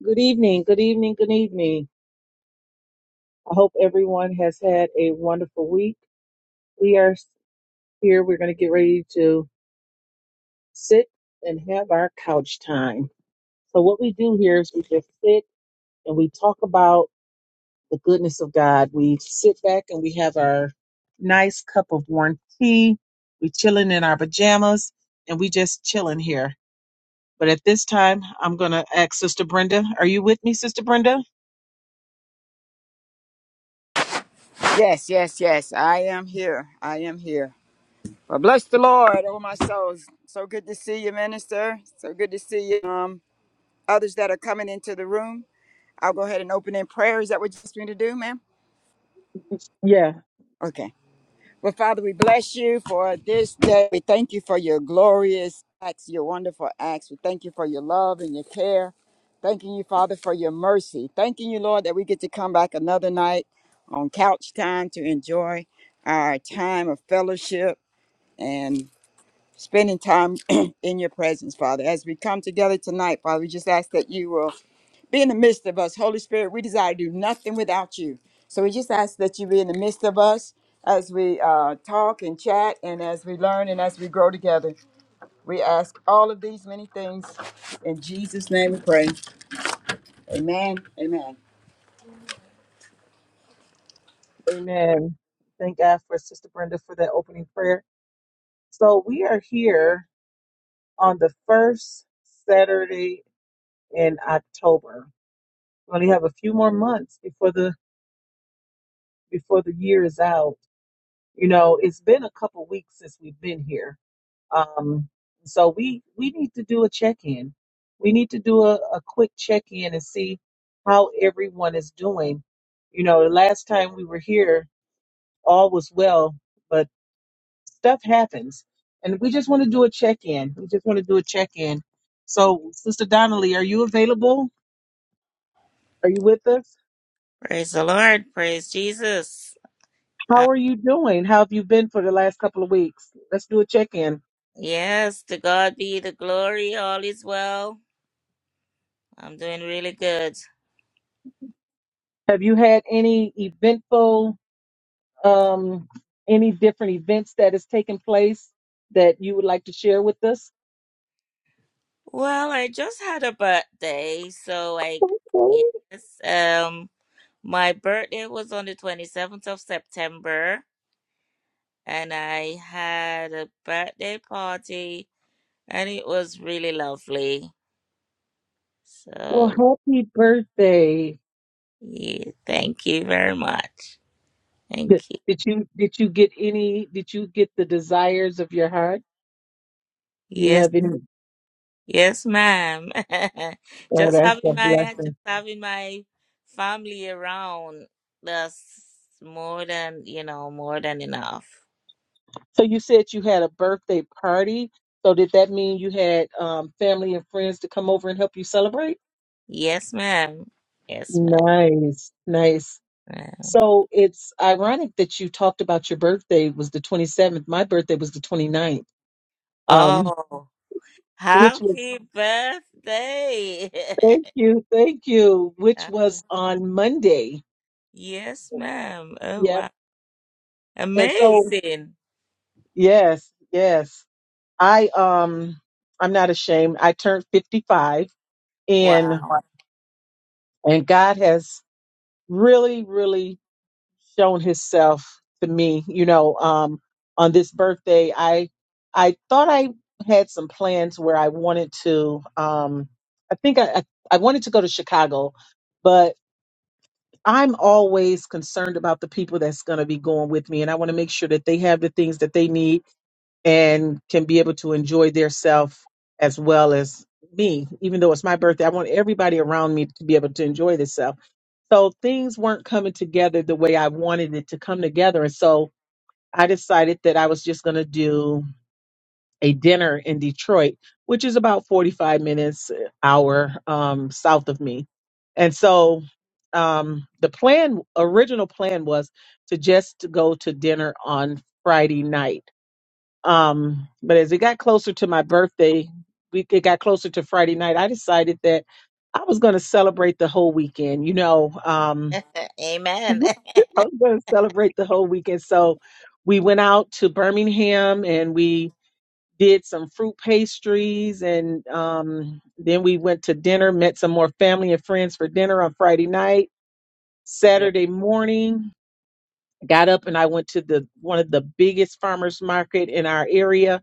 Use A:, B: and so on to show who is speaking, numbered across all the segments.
A: Good evening, good evening, good evening. I hope everyone has had a wonderful week. We are here, we're going to get ready to sit and have our couch time. So, what we do here is we just sit and we talk about the goodness of God. We sit back and we have our nice cup of warm tea. We're chilling in our pajamas and we just chilling here. But at this time, I'm going to ask Sister Brenda. Are you with me, Sister Brenda?
B: Yes, yes, yes. I am here. I am here. Well, bless the Lord, oh my souls. So good to see you, minister. So good to see you. Um, others that are coming into the room. I'll go ahead and open in prayer. Is that what you asked me to do, ma'am?
A: Yeah.
B: Okay. Well, Father, we bless you for this day. We thank you for your glorious acts, your wonderful acts. We thank you for your love and your care. Thanking you, Father, for your mercy. Thanking you, Lord, that we get to come back another night on couch time to enjoy our time of fellowship and spending time in your presence, Father. As we come together tonight, Father, we just ask that you will be in the midst of us. Holy Spirit, we desire to do nothing without you. So we just ask that you be in the midst of us as we uh, talk and chat and as we learn and as we grow together. We ask all of these many things. In Jesus' name we pray. Amen. Amen.
A: Amen. Thank God for Sister Brenda for that opening prayer. So we are here on the first Saturday in October. We only have a few more months before the before the year is out. You know, it's been a couple weeks since we've been here. Um, so we we need to do a check-in. We need to do a, a quick check-in and see how everyone is doing. You know, the last time we were here, all was well, but stuff happens and we just want to do a check-in we just want to do a check-in so sister donnelly are you available are you with us
C: Praise the Lord. Praise Jesus. Uh,
A: how are you doing how have you been for the last couple of weeks let's do a check-in
C: yes, to God be the glory. All is well. I'm doing really good.
A: have you had any eventful um any different events that has taken place that you would like to share with us
C: Well, I just had a birthday, so I
A: Oh,
C: yes, um my birthday was on the 27th of September and I had a birthday party and it was really lovely.
A: well
C: So,
A: happy birthday
C: yeah, thank you very much. Thank
A: did
C: you.
A: did you did you get any did you get the desires of your heart you
C: Yes.
A: have any
C: Yes, ma'am.
A: oh
C: Just
A: that's
C: having
A: a
C: my
A: blessing
C: just having my family around that's more than you know, more than enough.
A: So you said you had a birthday party. So did that mean you had um, family and friends to come over and help you celebrate?
C: Yes, ma'am. Yes,
A: Nice, nice.
C: ma'am.
A: So it's ironic that you talked about your birthday was the 27th. My birthday was the twenty ninth, um,
C: Oh,
A: which was,
C: happy birthday.
A: thank you, thank you, which
C: Oh,
A: was on Monday.
C: yes, ma'am. Oh,
A: Yep.
C: wow.
A: And so,
C: Amazing.
A: yes, yes. I, um, I'm not ashamed. I turned 55 and,
C: Wow.
A: and God has really, really shown himself to me you know um on this birthday i i thought i had some plans where i wanted to um i think i i I wanted to go to chicago but i'm always concerned about the people that's going to be going with me and i want to make sure that they have the things that they need and can be able to enjoy their self as well as me. Even though it's my birthday, I want everybody around me to be able to enjoy themselves. So things weren't coming together the way I wanted it to come together. And so I decided that I was just going to do a dinner in Detroit, which is about 45 minutes, uh, hour um, south of me. And so um, the plan, original plan was to just go to dinner on Friday night um, but as it got closer to my birthday, we it got closer to Friday night. I decided that I was going to celebrate the whole weekend. You know, um, I
C: Amen.
A: was going to celebrate the whole weekend. So we went out to Birmingham and we did some fruit pastries. And um, then we went to dinner, met some more family and friends for dinner on Friday night.
C: Yeah.
A: Saturday morning, got up and I went to the one of the biggest farmers market in our area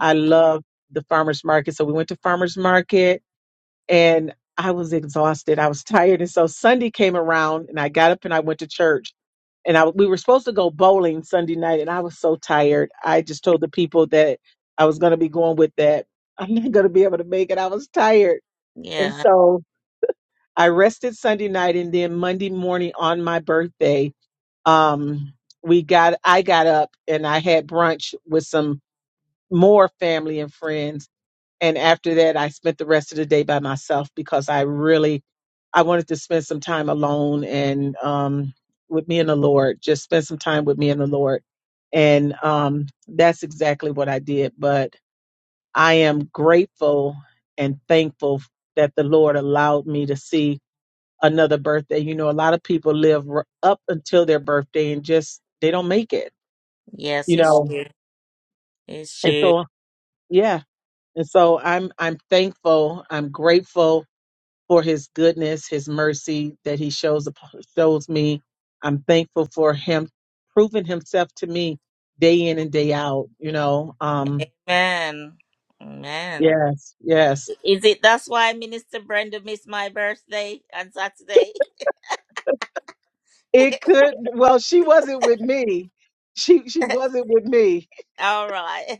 A: I love the farmers market. So we went to farmers market and I was exhausted. I was tired. And so Sunday came around and I got up and I went to church. And I we were supposed to go bowling Sunday night and I was so tired. I just told the people that I was going to be going with that. I'm not going to be able to make it. I was tired. And
C: Yeah.
A: so I rested Sunday night and then Monday morning on my birthday, um we got I got up and I had brunch with some more family and friends and after that i spent the rest of the day by myself because i really i wanted to spend some time alone and um with me and the lord just spend some time with me and the lord and um that's exactly what i did but i am grateful and thankful that the lord allowed me to see another birthday you know a lot of people live r- up until their birthday and just they don't make it
C: Yes,
A: you
C: it's
A: know
C: true. It's
A: and
C: true.
A: so yeah and so i'm i'm thankful i'm grateful for his goodness, his mercy that he shows up- shows me. I'm thankful for him proving himself to me day in and day out, you know. Um
C: Amen. Amen.
A: yes, yes.
C: Is it that's why Minister Brenda missed my birthday on Saturday?
A: It could well, she wasn't with me. She she wasn't with me.
C: All right.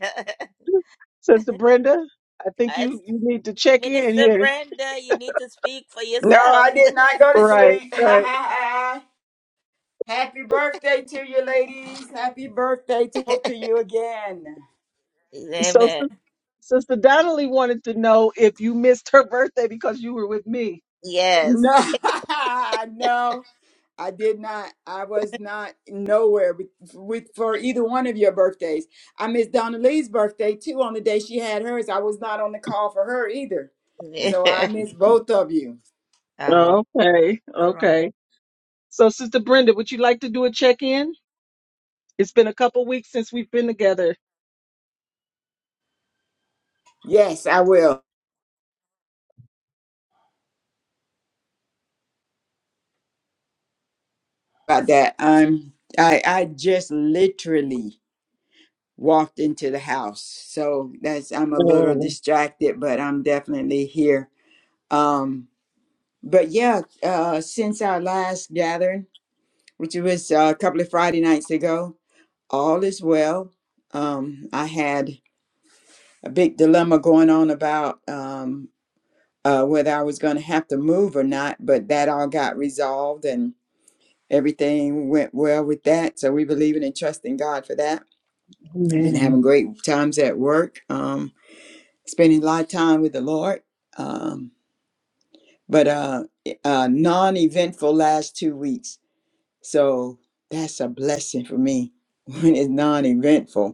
A: Sister Brenda, I think
C: That's-
A: you you need to check in
C: Minister
A: here.
C: Brenda, you need to speak for
B: No, I
C: yourself.
B: did not go to
A: Right,
B: sleep.
A: right.
B: Happy birthday to you, ladies. Happy birthday to both of you again.
A: So
C: Amen.
A: Sis- Sister Donnelly wanted to know if you missed her birthday because you were with me.
C: Yes.
B: No, no, I did not. I was not nowhere with, with for either one of your birthdays. I missed Donna Lee's birthday too on the day she had hers. I was not on the call for her either, so I missed both of you.
C: All
A: Okay,
C: right.
A: okay. So, Sister Brenda, would you like to do a check in? It's been a couple weeks since we've been together.
B: Yes, I will about that. I'm. I I just literally walked into the house, so that's I'm a little
A: Oh,
B: distracted, but I'm definitely here. Um, but yeah, uh, since our last gathering. which was uh, a couple of Friday nights ago. All is well. Um, I had a big dilemma going on about um, uh, whether I was going to have to move or not, but that all got resolved and everything went well with that. So we believe in and trust in God for that. Been
A: amen,
B: having great times at work, um, spending a lot of time with the Lord. Um, but uh, uh, non-eventful last two weeks, so that's a blessing for me when it's non-eventful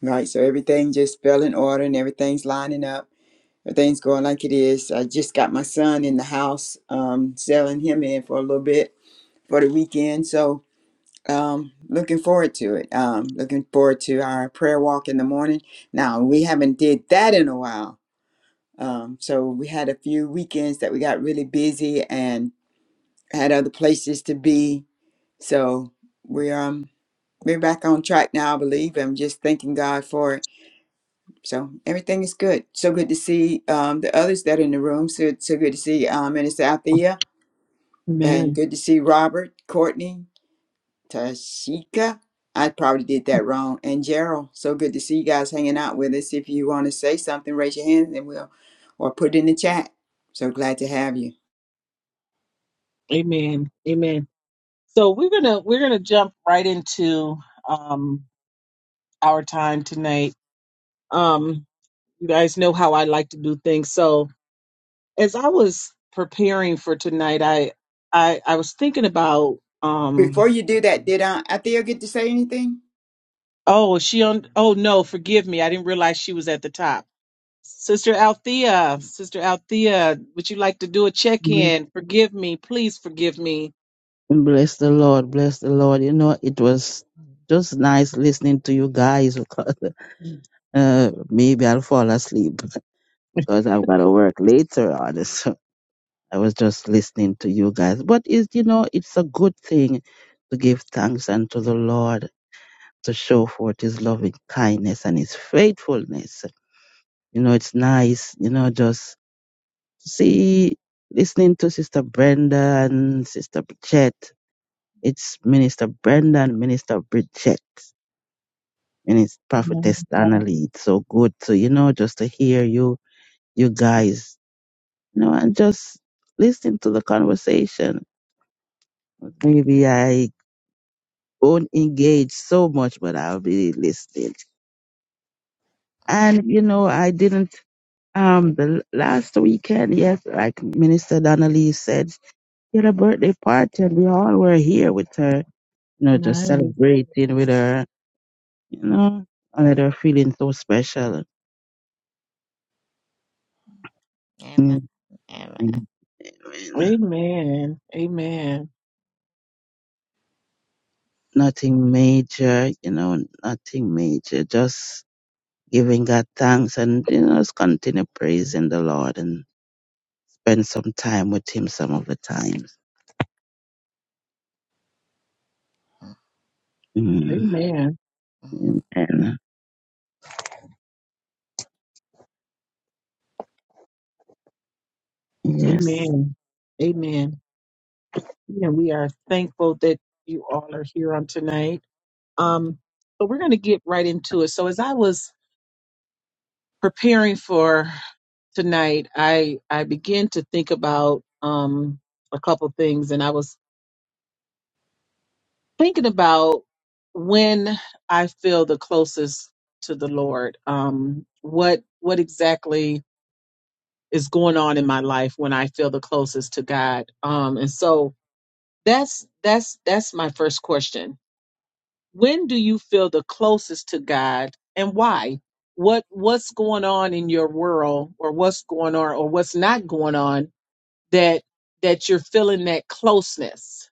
B: Right, so everything just fell in order and everything's lining up. Everything's going like it is. I just got my son in the house, um, selling him in for a little bit for the weekend. So um, looking forward to it. Um, looking forward to our prayer walk in the morning. Now we haven't did that in a while. Um, so we had a few weekends that we got really busy and had other places to be. So we're um, we're back on track now, I believe. I'm just thanking God for it So everything is good. So good to see um, the others that are in the room. So so good to see um, Minister Althea and
A: amen,
B: good to see Robert, Courtney, Tashika. I probably did that wrong. And Gerald, so good to see you guys hanging out with us. If you want to say something, raise your hand and we'll or put it in the chat. So glad to have you.
A: amen, amen. So we're gonna we're gonna jump right into um our time tonight. Um, you guys know how I like to do things. So as I was preparing for tonight, I I I was thinking about
B: Before
A: um
B: you do that, did uh, Althea get to say anything?
A: oh is she on oh no forgive me I didn't realize she was at the top. Sister Althea, Sister Althea, would you like to do a check
D: And
A: in? Forgive me, please forgive me.
D: Bless the Lord, bless the Lord. You know, it was just nice listening to you guys because uh, maybe I'll fall asleep because I've got to work later on. So I was just listening to you guys. But is you know, it's a good thing to give thanks unto the Lord to show forth His loving kindness and His faithfulness. You know, it's nice. You know, just see listening to Sister Brenda and Sister Chet. It's Minister Brendan, Minister Bridget, Minister Prophetess
A: Nine,
D: Donnelly. It's so good to, you know, just to hear you, you guys, you know, and just listen to the conversation. Maybe I won't engage so much, but I'll be listening. And, you know, I didn't, um, the l- last weekend, yes, like Minister Donnelly said, she had a birthday party and we all were here with her, you know, just
A: nine.
D: celebrating with her, you know, and let her feeling so special
C: Amen.
D: Mm,
C: Amen.
D: mm, mm.
A: Amen. Amen.
D: Nothing major, you know, nothing major. Just giving God thanks and, you know, just continue praising the Lord and spend some time with Him some of the times. Mm.
A: Amen.
D: Amen. Yes.
A: Amen. Amen. And we are thankful that you all are here on tonight.
C: Mm-hmm.
A: Um, but we're going to get right into it. So as I was preparing for tonight, I I began to think about um a couple things, and I was thinking about when I feel the closest to the Lord. Um, what what exactly is going on in my life when I feel the closest to God? Um, and so that's that's that's my first question. When do you feel the closest to God, and why? What what's going on in your world, or what's going on, or what's not going on that that you're feeling that closeness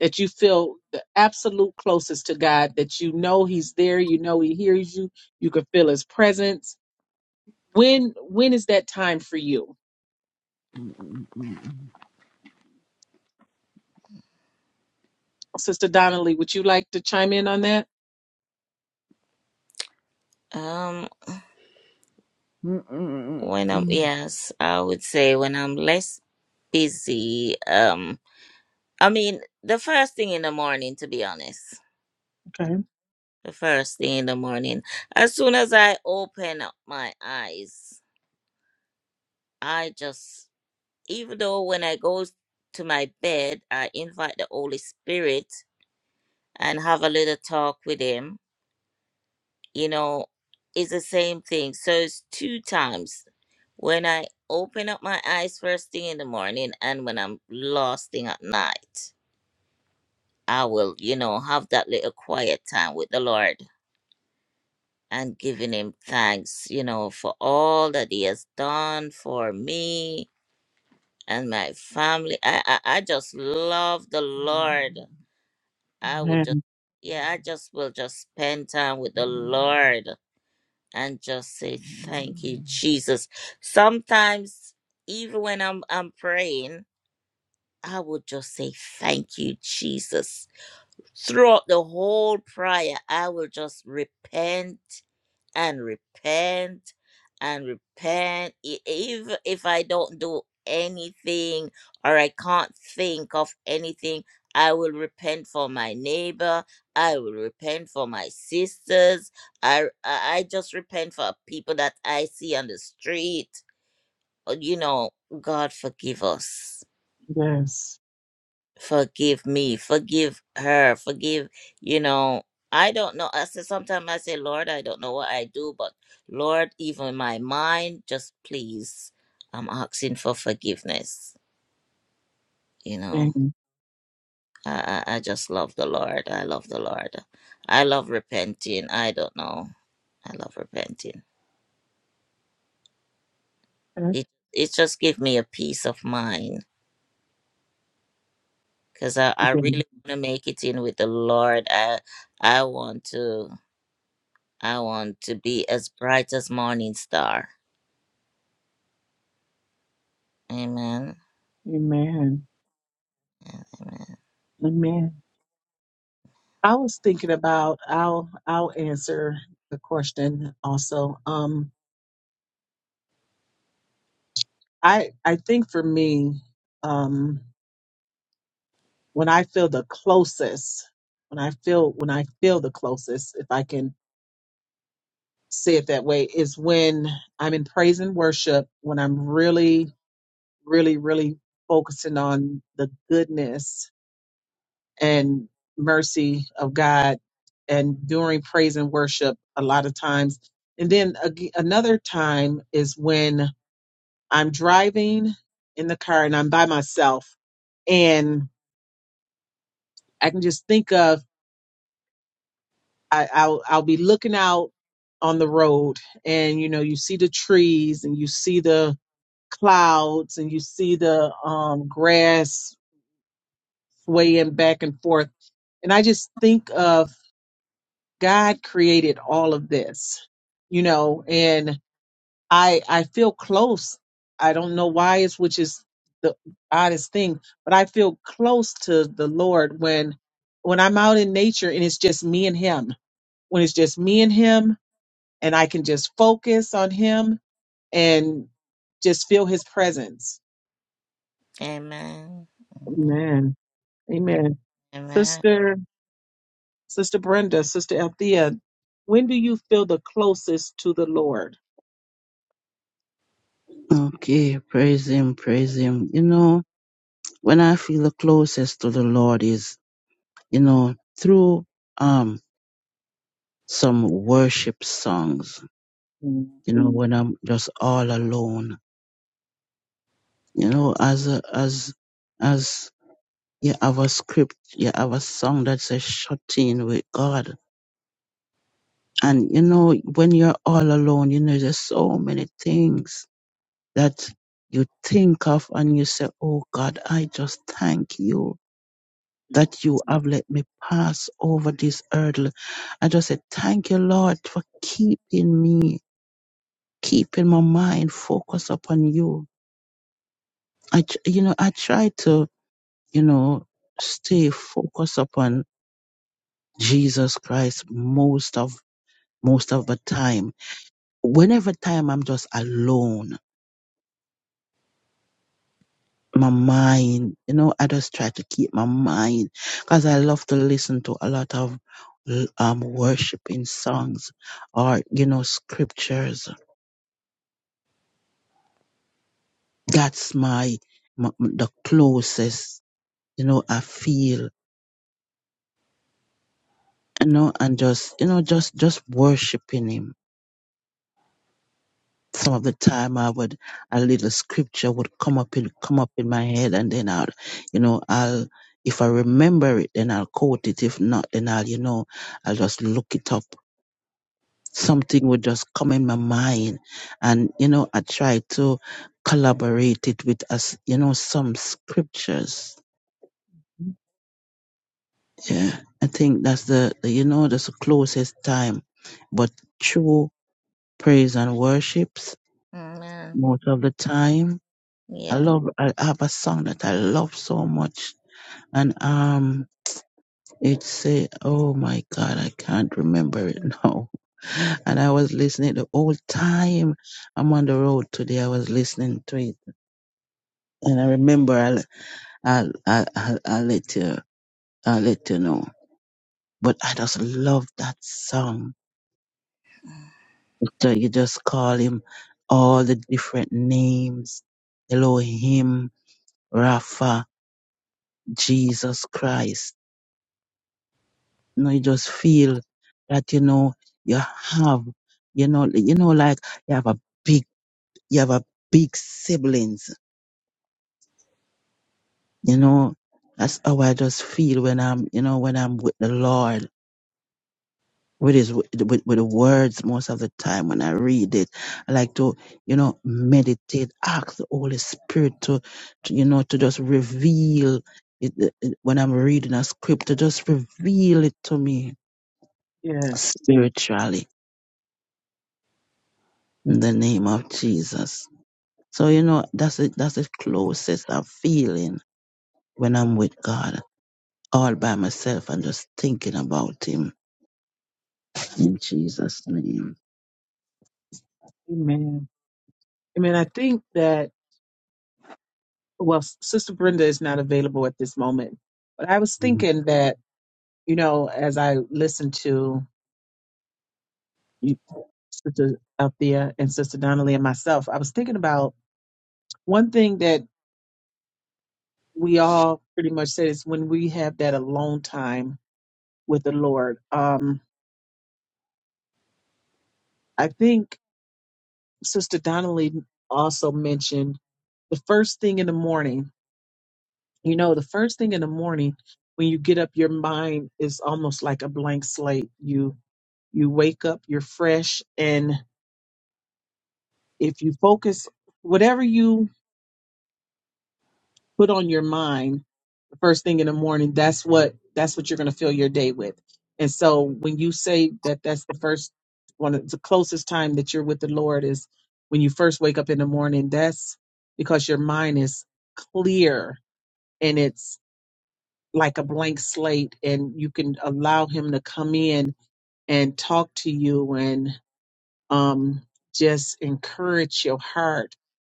A: that you feel the absolute closest to God that you know he's there you know he hears you you can feel his presence when when is that time for you sister Donnelly would you like to chime in on that
C: Um when I'm yes, I would say when I'm less busy, um I mean the first thing in the morning to be honest.
A: Okay.
C: the first thing in the morning. As soon as I open up my eyes, I just, even though when I go to my bed, I invite the Holy Spirit and have a little talk with Him, you know, it's the same thing. So it's two times when I open up my eyes first thing in the morning and when I'm last thing at night. I will, you know, have that little quiet time with the Lord. and giving him thanks, you know, for all that he has done for me and my family. I I, I just love the Lord. I will just
A: Amen.
C: yeah, I just will just spend time with the Lord and just say thank you, Jesus. Sometimes even when I'm I'm praying, I would just say thank you, Jesus. Throughout the whole prayer, I will just repent and repent and repent E- even if i don't do anything or i can't think of anything i will repent for my neighbor i will repent for my sisters i i I just repent for people that i see on the street Uh, you know god forgive us
A: Yes.
C: forgive me, forgive her, forgive, you know. I don't know. I say sometimes I say, Lord, I don't know what I do, but Lord, even my mind, just please, I'm asking for forgiveness. You know,
A: Amen.
C: I, I I just love the Lord. I love the Lord. I love repenting. I don't know. I love repenting.
A: Thank
C: It it just give me a peace of mind because I, I
A: you.
C: really want to make it in with the Lord. I I want to. I want to be as bright as morning star. Amen.
A: Amen. Amen. I was thinking about I'll I'll answer the question also. Um I I think for me, um. when I feel the closest, when I feel when I feel the closest, if I can say it that way, is when I'm in praise and worship, when I'm really, really, really focusing on the goodness and mercy of God. And during praise and worship, a lot of times. And then ag- another time is when I'm driving in the car and I'm by myself and I can just think of I, I'll I'll be looking out on the road, and you know, you see the trees, and you see the clouds, and you see the um, grass swaying back and forth, and I just think of God created all of this, you know, and I I feel close. I don't know why it's which is the oddest thing, but I feel close to the Lord when when I'm out in nature and it's just me and Him. When it's just me and Him, and I can just focus on him and just feel his presence.
C: Amen.
A: Amen. Amen.
C: Amen.
A: Sister, Sister Brenda, Sister Althea, when do you feel the closest to the Lord?
D: Okay. Praise Him. Praise Him. You know, when I feel the closest to the Lord is, you know, through, um, some worship songs,
A: Mm,
D: you know, when I'm just all alone, you know, as, a, as, as you have a script, you have a song that's a shut in with God. And you know, when you're all alone, you know, there's so many things that you think of and you say, Oh God, I just thank you that you have let me pass over this hurdle. I just say, Thank you, Lord, for keeping me, keeping my mind focused upon you. I, tr- you know, I try to, you know, stay focused upon Jesus Christ most of most of the time. Whenever time I'm just alone, my mind, you know, I just try to keep my mind because I love to listen to a lot of um worshiping songs or you know scriptures. That's my, my the closest you know I feel you know and just you know just just worshiping him some of the time I would a little scripture would come up in come up in my head and then I'll you know I'll if I remember it then I'll quote it if not then I'll you know I'll just look it up something would just come in my mind and you know I try to collaborate it with us you know some scriptures yeah I think that's the, the you know that's the closest time but true praise and worships
C: Amen.
D: most of the time I
C: Yeah.
D: love I have a song that I love so much and um it say oh my god I can't remember it now and I was listening the whole time I'm on the road today I was listening to it and I remember I'll I'll I'll, I'll, I'll let you I'll let you know but I just love that song so you just call him all the different names Elohim Rapha Jesus Christ you know, you just feel that, you know, you have, you know, you know, like you have a big, you have a big siblings, you know, that's how I just feel when I'm, you know, when I'm with the Lord, with his, with, with the words most of the time when I read it, I like to, you know, meditate, ask the Holy Spirit to, to you know, to just reveal it, it- it- when I'm reading a script, to just reveal it to me
A: Yeah.
D: spiritually in the name of Jesus. So you know that's it. that's the closest I'm feeling when I'm with God, all by myself and just thinking about Him in Jesus' name.
A: Amen. Amen. I think that, well, Sister Brenda is not available at this moment, but I was
D: Mhm.
A: thinking that, you know, as I listened to you, Sister Althea and Sister Donnelly and myself, I was thinking about one thing that we all pretty much said it's when we have that alone time with the Lord. Um, I think Sister Donnelly also mentioned the first thing in the morning. You know, the first thing in the morning when you get up, your mind is almost like a blank slate. You you wake up, you're fresh, and if you focus whatever you put on your mind first thing in the morning that's what that's what you're going to fill your day with and so when you say that that's the first one of the closest time that you're with the lord is when you first wake up in the morning that's because your mind is clear and it's like a blank slate and you can allow him to come in and talk to you and um just encourage your heart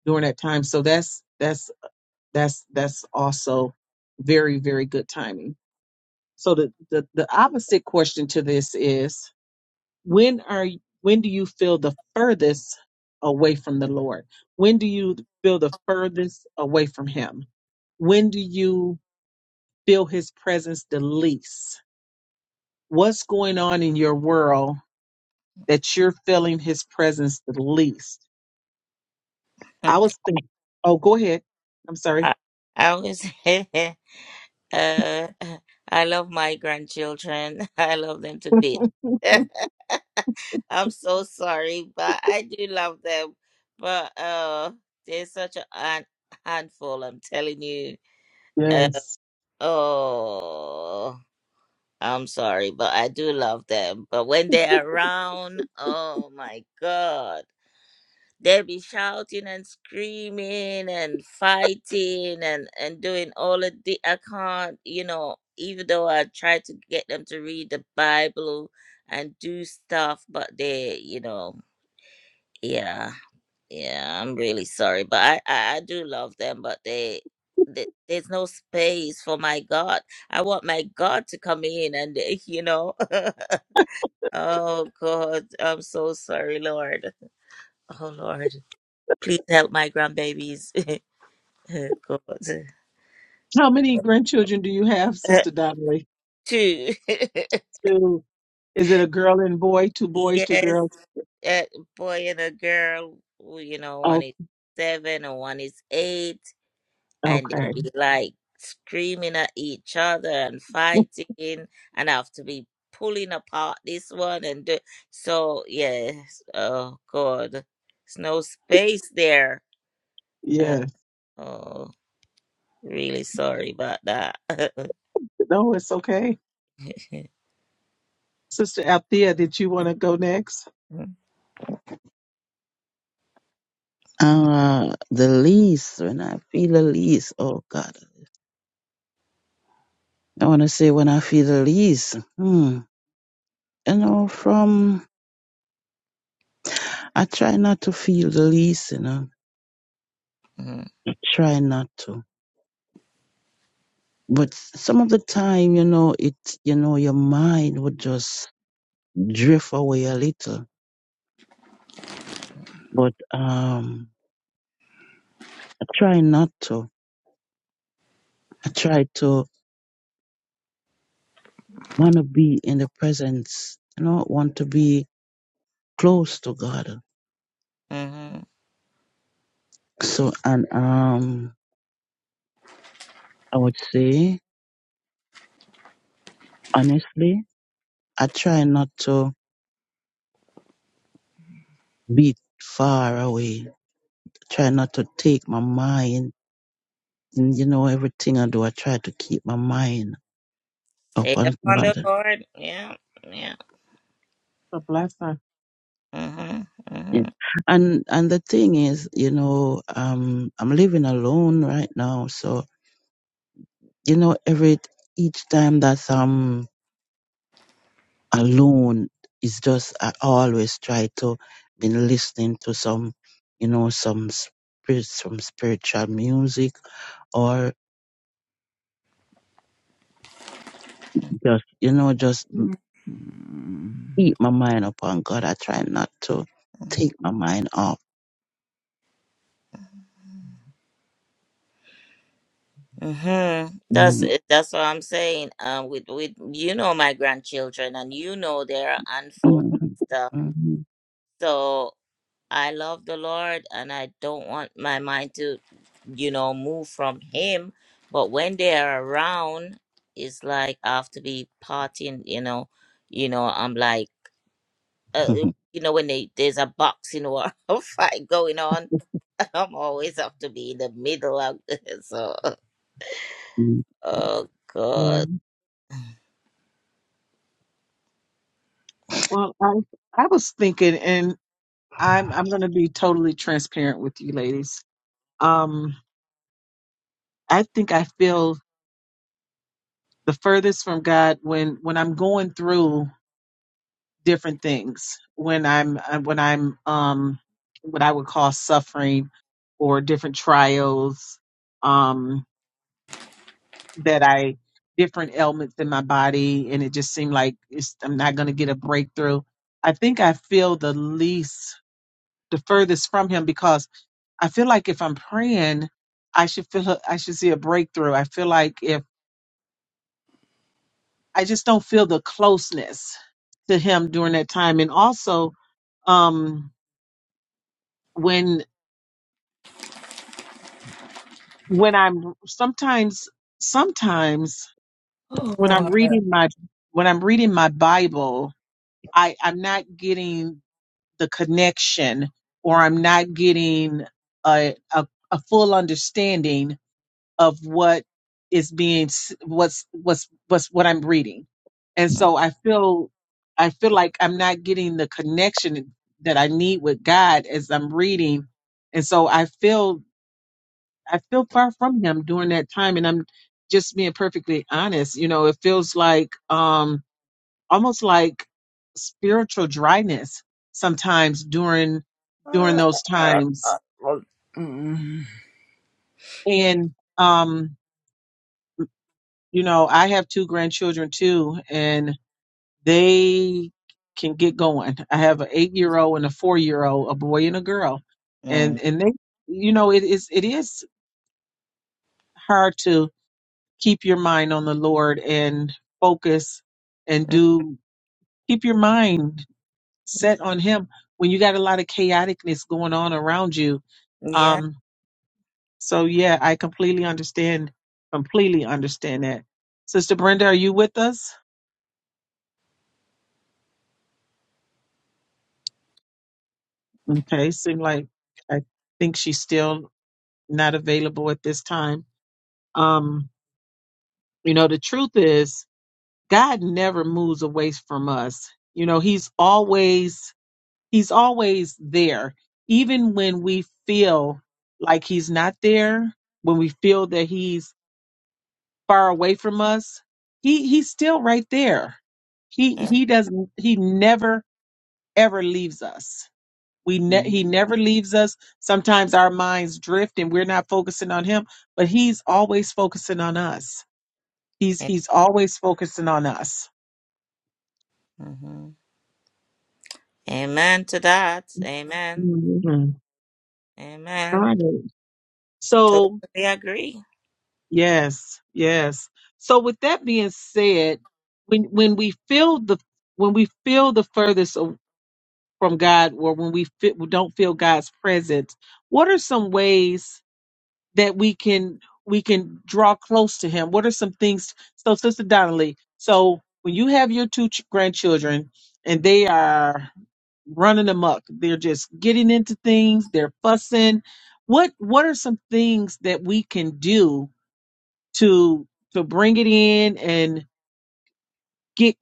A: during that time so that's that's that's that's also very very good timing so the, the, the opposite question to this is when are y- when do you feel the furthest away from the Lord? When do you feel the furthest away from him? When do you feel his presence the least? What's going on in your world that you're feeling his presence the least? I
C: I,
A: was thinking oh go ahead. I'm sorry.
C: I always uh I love my grandchildren. I love them to bits. I'm so sorry, but I do love them. But uh they're such a han- handful, I'm telling you. Uh,
A: Yes.
C: oh. I'm sorry, but I do love them. But when they're around, oh my God, they be shouting and screaming and fighting and and doing all of the. I can't, you know, even though I try to get them to read the Bible and do stuff, but they, you know, yeah, yeah. I'm really sorry, but I I, I do love them, but they. th- There's no space for my God. I want my God to come in and, uh, you know. Oh God, I'm so sorry, Lord. Oh Lord, please help my grandbabies. God,
A: How many grandchildren do you have,
C: Uh,
A: Sister Donnelly?
C: two.
A: Two is it a girl and boy, two boys, two
C: yes,
A: girls?
C: a boy and a girl. who, You know, one is seven and one is eight, and they will
A: Okay.
C: be like screaming at each other and fighting, and I have to be pulling apart this one and do. So yes, oh God, there's no space there. Uh,
A: Yes.
C: Oh. Really sorry about that.
A: No, it's okay. Sister Althea, did you want to go next?
D: Uh, the least when I feel the least, oh God, I want to say when I feel the least, hmm, you know, from I try not to feel the least, you know,
C: Mm-hmm.
D: I try not to. But some of the time, you know, it, you know, your mind would just drift away a little. But um, I try not to. I try to want to be in the presence. I don't want to be close to God.
C: hmm
D: So, and um, I would say honestly, I try not to be far away. try not to take my mind. And, you know, everything I do, I try to keep my mind
C: Stay
D: upon
C: up on
D: God.
C: the Lord. Yeah, yeah.
A: Or last time.
C: hmm
D: Yeah.
C: hmm
D: And and the thing is, you know, um, I'm living alone right now, so you know, every each time that um alone. It's just I always try to been listening to some, you know, some spirit, some spiritual music, or just you know, just
C: Mm.
D: keep my mind upon God. I try not to
C: Mm-hmm.
D: take my mind off.
C: hmm That's it. that's what I'm saying. Um, with with you know my grandchildren, and you know they're handful of
D: Mm, mm,
C: stuff.
D: mm,
C: Mm.
D: mm,
C: So I love the Lord, and I don't want my mind to you know move from Him. But when they are around, it's like I have to be partying. You know, you know. I'm like. uh, you know, when they, there's a boxing war or fight going on, I'm always have to be in the middle of this. So,
D: mm,
C: oh
A: Right.
C: God.
A: Well, I I was thinking, and I'm I'm going to be totally transparent with you, ladies. Um, I think I feel the furthest from God when when I'm going through. different things when I'm uh, when I'm um what I would call suffering or different trials um that I different ailments in my body and it just seemed like it's, I'm not going to get a breakthrough. I think I feel the least the furthest from him because I feel like if I'm praying I should feel I should see a breakthrough. I feel like if I just don't feel the closeness to him during that time and also um when when I'm sometimes sometimes when I'm
C: Oh.
A: reading my when I'm reading my Bible, I I'm not getting the connection or I'm not getting a a, a full understanding of what is being s- what's what's what's what I'm reading. And so I feel I feel like I'm not getting the connection that I need with God as I'm reading. And so I feel I feel far from him during that time. And I'm just being perfectly honest. You know, it feels like um almost like spiritual dryness sometimes during during those times. And um, you know, I have two grandchildren too, and they can get going. I have an eight year old and a four year old, a boy and a girl. And
C: Mm.
A: and they you know, it is it is hard to keep your mind on the Lord and focus and
C: Mm.
A: do keep your mind set on him when you got a lot of chaoticness going on around you.
C: Yeah.
A: Um so yeah, I completely understand completely understand that. Sister Brenda, are you with us? Okay, seem like I think she's still not available at this time. Um you know the truth is God never moves away from us. You know, he's always he's always there even when we feel like he's not there when we feel that he's far away from us he he's still right there he
C: yeah,
A: he doesn't he never ever leaves us we ne- he
D: mm.
A: never leaves us sometimes our minds drift and we're not focusing on him but he's always focusing on us he's
C: yeah,
A: he's always focusing on us
C: Mm-hmm. Amen to that. Amen.
A: Mhm.
C: Amen.
A: Got it.
C: Totally
A: so
C: agree.
A: Yes, yes. So with that being said, when when we feel the when we feel the furthest a- from God, or when we feel, we don't feel God's presence, what are some ways that we can we can draw close to Him? What are some things? So, Sister Donnelly, so when you have your two ch- grandchildren and they are running amok, they're just getting into things, they're fussing. What what are some things that we can do? to to bring it in and get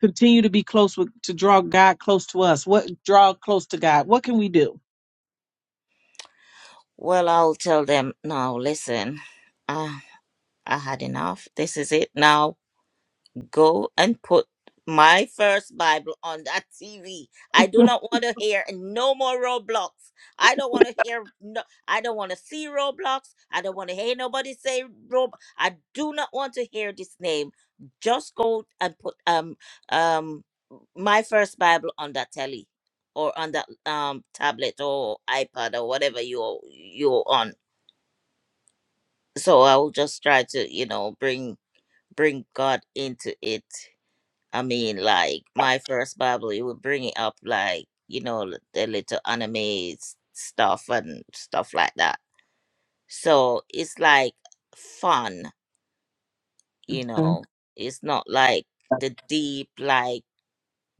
A: continue to be close with to draw God close to us. What draw close to God? What can we do?
C: Well, I'll tell them now. Listen, uh, I had enough. This is it now. Go and put my first Bible on that TV. I do not want to hear no more Roblox. I don't want to hear no. I don't want to see Roblox. I don't want to hear nobody say Rob. I do not want to hear this name. Just go and put um um my first Bible on that telly or on that um tablet or iPad or whatever you you're on. So I will just try to you know bring bring God into it I mean, like my first Bible, it would bring it up, like you know, l- the little anime s- stuff and stuff like that. So it's like fun, you
A: Okay,
C: know. It's not like the deep like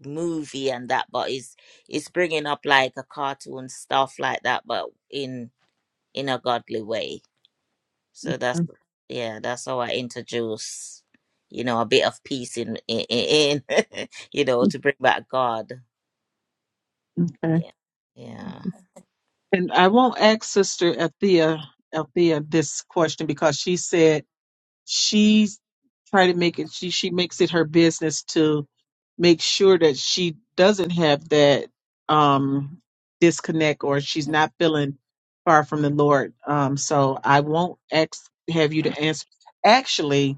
C: movie and that, but it's it's bringing up like a cartoon stuff like that, but in in a godly way. So that's yeah, that's how I introduce, you know, a bit of peace in in, in you know to bring back God.
A: okay.
C: Yeah. Yeah.
A: And I won't ask Sister Althea Althea this question because she said she's trying to make it she she makes it her business to make sure that she doesn't have that um disconnect or she's not feeling far from the Lord. Um so I won't ask have you to answer. Actually,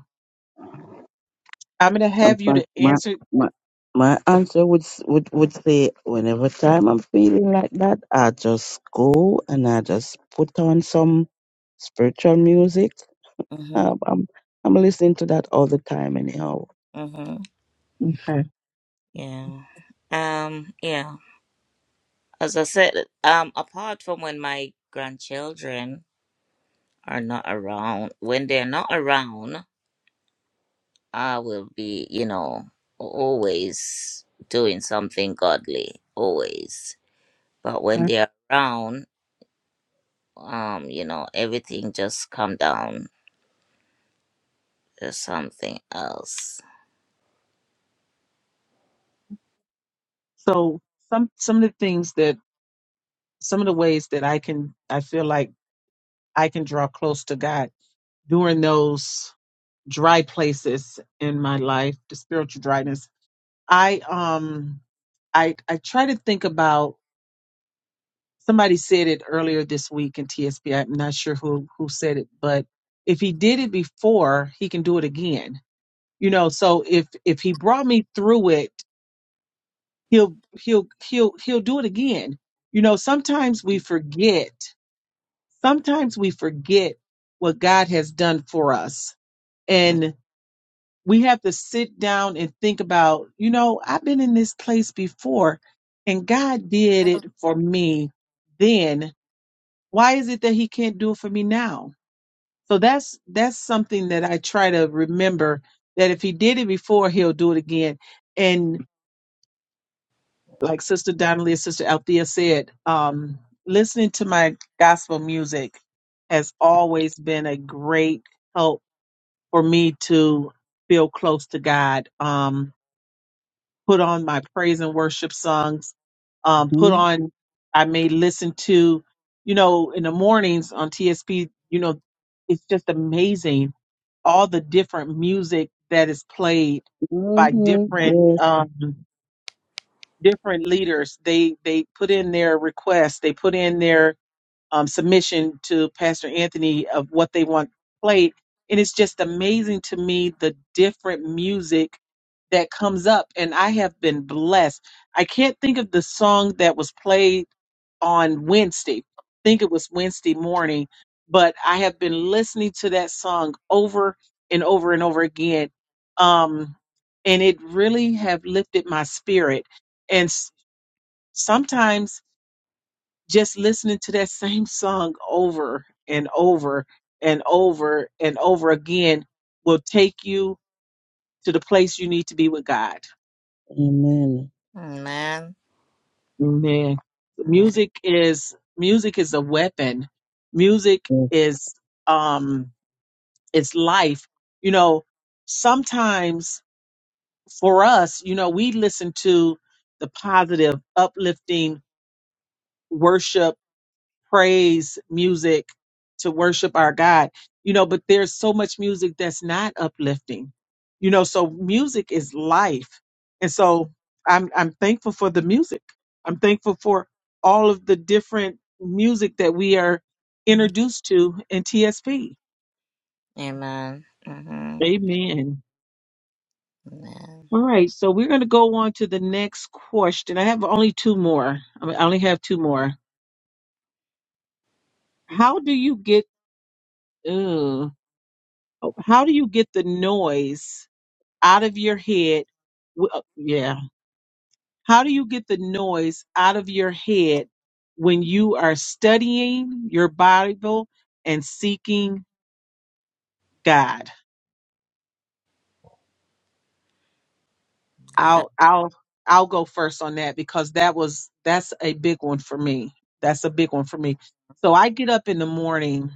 A: I'm going to
D: In
A: have you
D: fact,
A: to
D: my
A: answer.
D: my my answer would s- would would say whenever time I'm feeling like that, I just go and I just put on some spiritual music
C: Mhm.
D: Um, I'm I'm listening to that all the time anyhow.
C: Mhm.
A: Okay.
C: Yeah. Um. Yeah. As I said, um, apart from when my grandchildren are not around, when they're not around, I will be, you know, always doing something godly, always. But
A: All
C: when
A: right.
C: they're around, um, you know, everything just come down to something else.
A: So some some of the things that some of the ways that I can I feel like I can draw close to God during those dry places in my life, the spiritual dryness. I um I I try to think about somebody said it earlier this week in TSP. I'm not sure who who said it, but if he did it before, he can do it again. You know, so if if he brought me through it he'll he'll he'll he'll do it again you know sometimes we forget sometimes we forget what god has done for us
C: Mm.
A: and we have to sit down and think about you know i've been in this place before and god did it for me then why is it that he can't do it for me now so that's that's something that i try to remember that if he did it before he'll do it again and. like Sister Donnelly and Sister Althea said, um, listening to my gospel music has always been a great help for me to feel close to God. Um, put on my praise and worship songs. Um, put
D: hmm
A: on, I may listen to, you know, in the mornings on TSP, you know, it's just amazing all the different music that is played by
D: hmm
A: different.
D: Yes,
A: Um, different leaders they they put in their request they put in their um, submission to pastor anthony of what they want played and it's just amazing to me the different music that comes up and i have been blessed i can't think of the song that was played on wednesday i think it was wednesday morning but i have been listening to that song over and over and over again um, and it really have lifted my spirit sometimes just listening to that same song over and over and over and over again will take you to the place you need to be with God.
D: amen.
C: Amen.
A: Man,
C: Amen.
A: music is music is a weapon. Music
D: Yes.
A: is um it's life. You know, sometimes for us, you know, we listen to the positive, uplifting worship praise music to worship our God, you know, but there's so much music that's not uplifting, you know, so music is life. And so I'm, I'm thankful for the music. I'm thankful for all of the different music that we are introduced to in TSP.
C: Amen. Mhm.
A: Amen.
C: Amen.
A: All right, so we're going to go on to the next question. I have only two more. I, mean, I only have two more. How do you get? Uh, how do you get the noise out of your head. W- uh, Yeah. How do you get the noise out of your head when you are studying your Bible and seeking God? I'll I'll I'll go first on that because that was that's a big one for me. That's a big one for me. So I get up in the morning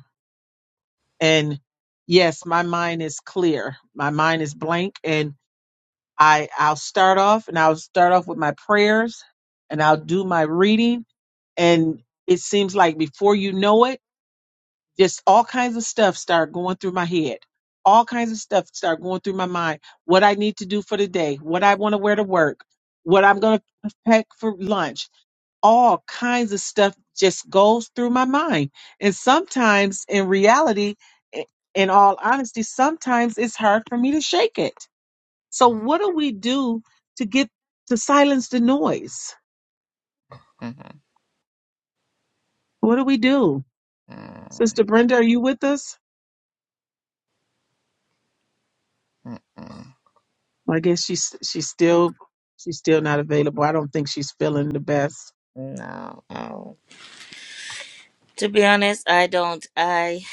A: and yes, my mind is clear. My mind is blank and I I'll start off and I'll start off with my prayers and I'll do my reading and it seems like before you know it just all kinds of stuff start going through my head all kinds of stuff start going through my mind what i need to do for the day what i want to wear to work what i'm going to pack for lunch all kinds of stuff just goes through my mind and sometimes in reality i- in all honesty sometimes it's hard for me to shake it so what do we do to get to silence the noise
C: Mhm.
A: what do we do sister
C: Mm,
A: brenda are you with us
C: mm-mm.
A: Well, I guess she's she's still she's still not available. I don't think she's feeling the best.
C: No. Oh. To be honest, I don't. I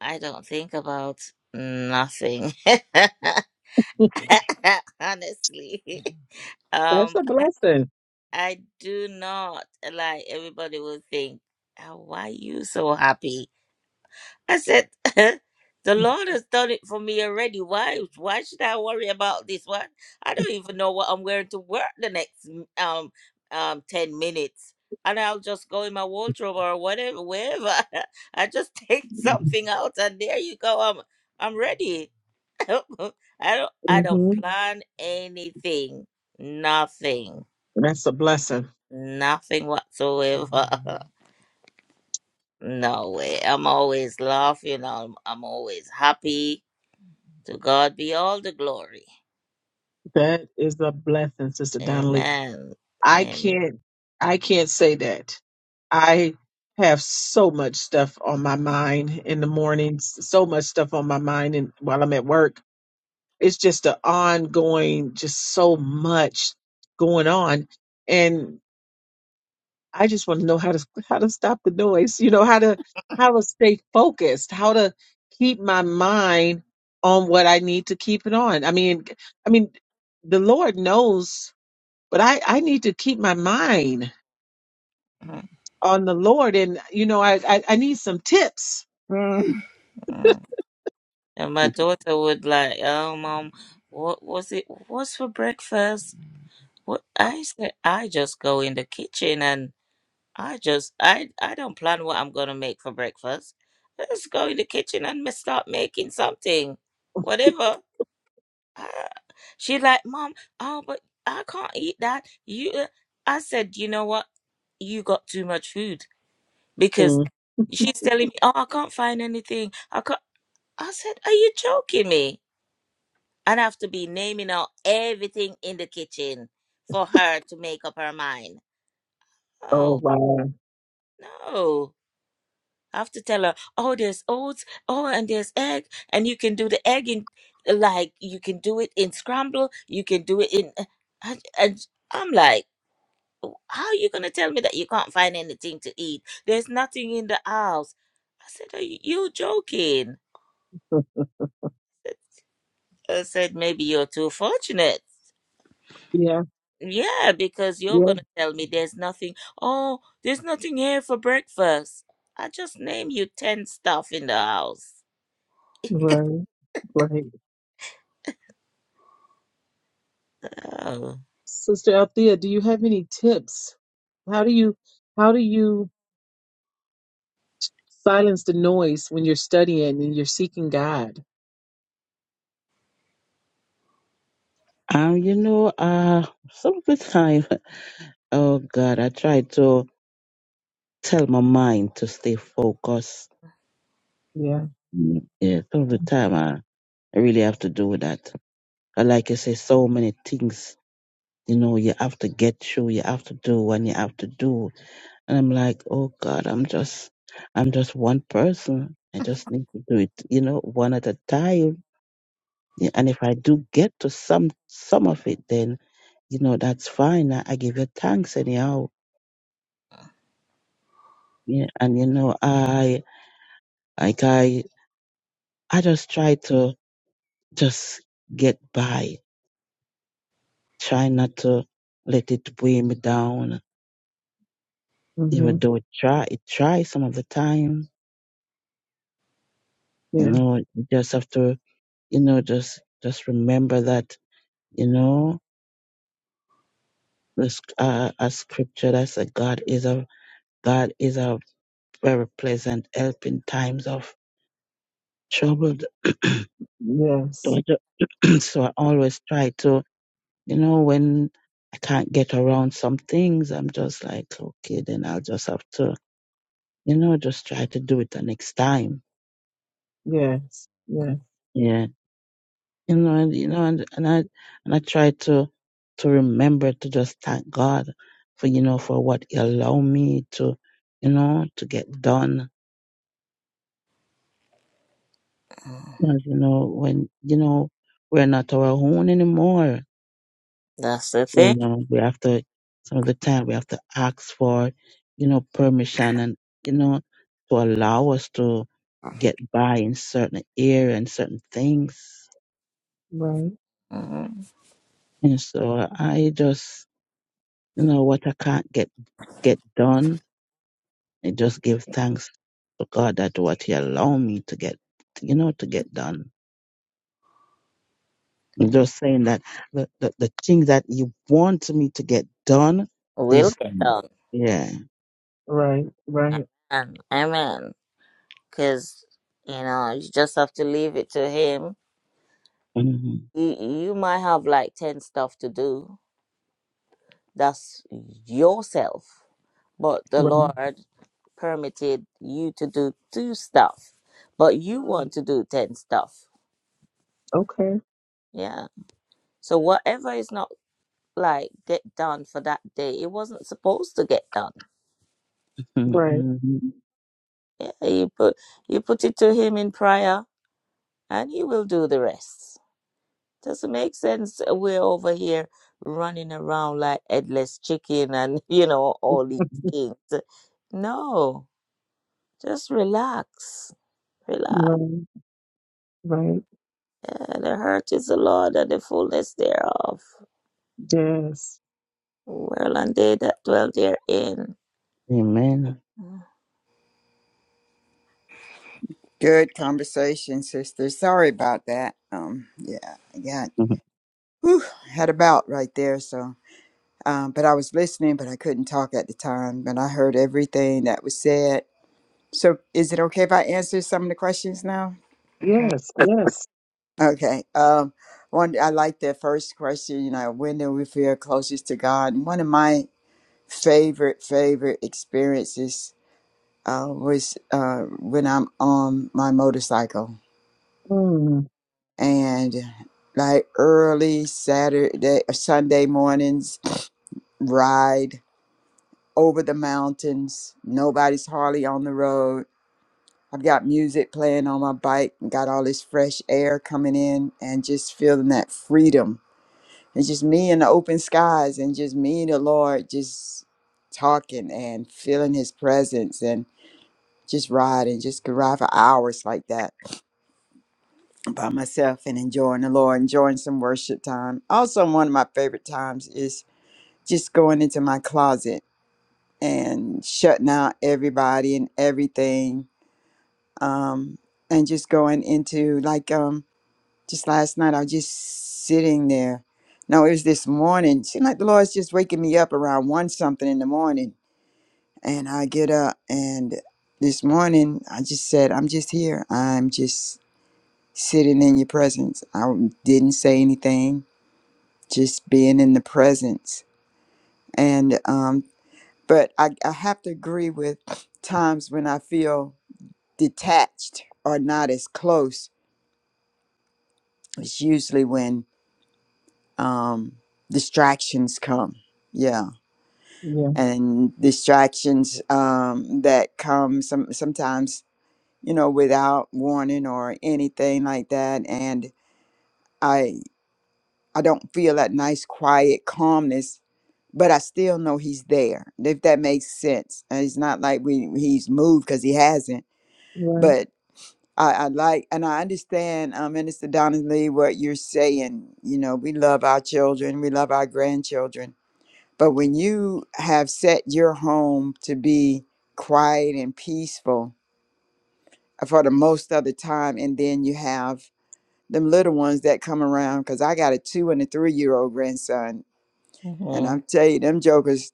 C: I don't think about nothing. Honestly,
A: That's
C: um,
A: a blessing.
C: I do not like everybody will think. "Ah, Why you so happy? I said, the Lord has done it for me already. Why? Why should I worry about this one? I don't even know what I'm wearing to work the next m- um um ten minutes, and I'll just go in my wardrobe or whatever, wherever. I just take something out, and there you go. I'm I'm ready. I don't I don't
A: hmm
C: plan anything. Nothing.
A: That's a blessing.
C: Nothing whatsoever. no way. I'm always laughing. I'm I'm always happy To God be all the glory.
A: That is a blessing, Sister Donnelly.
C: Amen.
A: I
C: Amen.
A: can't I can't say that. I have so much stuff on my mind in the mornings, so much stuff on my mind and while I'm at work. It's just an ongoing, just so much going on. And I just want to know how to how to stop the noise, you know, how to how to stay focused, how to keep my mind on what I need to keep it on. I mean, I mean, the Lord knows, but I I need to keep my mind
C: Mm.
A: on the Lord, and you know, I I, I need some tips
C: Mm. And my daughter would like, oh mom, what was it? What's for breakfast? What I said, I just go in the kitchen and I just I I don't plan what I'm gonna make for breakfast. I just go in the kitchen and me start making something, whatever. I, she like, mom, oh, but I can't eat that. You, uh," I said, you know what? You got too much food because
A: Mm.
C: she's telling me, oh, I can't find anything. I can't. I said, are you joking me? I'd have to be naming out everything in the kitchen for her to make up her mind.
A: Oh
C: Oh
A: wow.
C: no. I have to tell her, oh, there's oats, oh, and there's egg, and you can do the egg in, like, you can do it in scramble, you can do it in. And, and I'm like, how are you going to tell me that you can't find anything to eat? There's nothing in the house. I said, are you you joking? I said, maybe you're too fortunate.
A: Yeah.
C: Yeah, because you're
A: Yeah.
C: going to tell me there's nothing. Oh, there's nothing here for breakfast. I just name you 10 stuff in the house.
A: Right. Right.
C: oh.
A: Sister Althea, do you have any tips? How do you how do you silence the noise when you're studying and you're seeking God.
D: Um, you know, uh, some of the time, oh God, I try to tell my mind to stay focused.
A: Yeah.
D: Mm, Yeah, some of the time, I, I really have to do that. And like I say, so many things, you know, you have to get through, you have to do and you have to do. And I'm like, oh God, I'm just, I'm just one person. I just need to do it, you know, one at a time. Yeah, And if I do get to some, some of it, then, you know, that's fine. I, I give you thanks anyhow. Yeah. And, you know, I, like I, I just try to just get by, try not to let it weigh me down Even
A: hmm
D: though it try it tries some of the time, you
A: Yeah.
D: know, you just have to, you know, just just remember that, you know, this uh, a scripture that said God is a God is a very pleasant help in times of trouble. so
A: Yes.
D: I ju- so I always try to, you know, when I can't get around some things, I'm just like, okay, then I'll just have to, you know, just try to do it the next time.
A: Yes.
C: Mm,
A: Yes.
D: yeah. you know, and you know, and, and I and I try to to remember to just thank God for you know for what He allowed me to, you know, to get done. 'Cause, you know, when you know we're not our own anymore,
C: That's the
D: you
C: thing.
D: know, we have to some of the time we have to ask for, you know, permission and you know to allow us to get by in certain area and certain things.
A: Right.
C: Mhm.
D: And so I just, you know, what I can't get get done I just give thanks to God that what He allowed me to get, you know, to get done. I'm
C: Mm,
D: just saying that the, the, the thing that He wants me to get done
C: We'll
D: is
C: get
D: done.
C: done.
D: Yeah.
A: Right. Right.
C: Amen. Amen. Because, you know, you just have to leave it to Him.
D: Mhm.
C: You, you might have like 10 stuff to do, That's yourself. But the
A: Right.
C: Lord permitted you to do two stuff, but you want to do 10 stuff.
A: Okay.
C: Yeah. So whatever is not like get done for that day, it wasn't supposed to get done.
A: Right.
D: Mhm.
C: Yeah, you put you put it to him in prayer and he will do the rest. Doesn't make sense we're over here running around like headless chicken and you know all these things. No, just relax. Relax.
A: Right. Right.
C: And the earth is the Lord and the fullness thereof.
A: Yes.
C: World and they that dwell therein.
D: Amen.
C: hmm
B: Good conversation, sister. Sorry about that. Um, yeah, I got whew, had a bout right there. So. Um, but I was listening, but I couldn't talk at the time. But I heard everything that was said. So, is it okay if I answer some of the questions now?
A: Yes. Yes.
B: Okay. Um, one, I like the first question. You know, when do we feel closest to God? And one of my favorite favorite experiences uh, was uh, when I'm on my motorcycle
A: Mm.
B: and like early Saturday, Sunday mornings ride over the mountains. Nobody's hardly on the road. I've got music playing on my bike and got all this fresh air coming in and just feeling that freedom. It's just me in the open skies and just me and the Lord just talking and feeling his presence and just riding, just could ride for hours like that by myself and enjoying the Lord, enjoying some worship time. Also, one of my favorite times is just going into my closet and shutting out everybody and everything um, and just going into like um, just last night I was just sitting there. No, it was this morning. Seemed like the Lord's just waking me up around one something in the morning, and I get up and this morning I just said, "I'm just here. I'm just sitting in your presence." I didn't say anything, just being in the presence. And um, but I, I have to agree with times when I feel detached or not as close it's usually when um, distractions come. Yeah,
A: Yeah.
B: and distractions um, that come some sometimes you know without warning or anything like that. And I I don't feel that nice quiet calmness, but I still know he's there. If that makes sense, and it's not like we he's moved because he hasn't.
A: Right.
B: but. I, I like and I understand, um, Minister Donnelly, what you're saying. You know, we love our children, we love our grandchildren. But when you have set your home to be quiet and peaceful for the most of the time, and then you have them little ones that come around, because I got a two and a three year old grandson. And
C: hmm
B: I'm tell you, them jokers,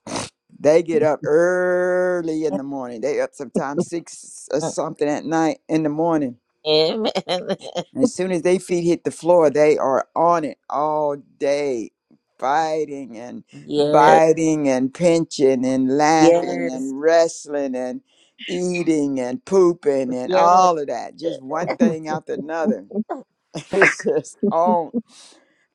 B: they get up early in the morning. They up sometimes six or something at night in the morning
C: Amen.
B: And as soon as they feet hit the floor, they are on it all day, fighting and
C: Yes,
B: biting and pinching and laughing
C: yes,
B: and wrestling and eating and pooping and
C: yes,
B: all of that. Just one thing after another. It's just on.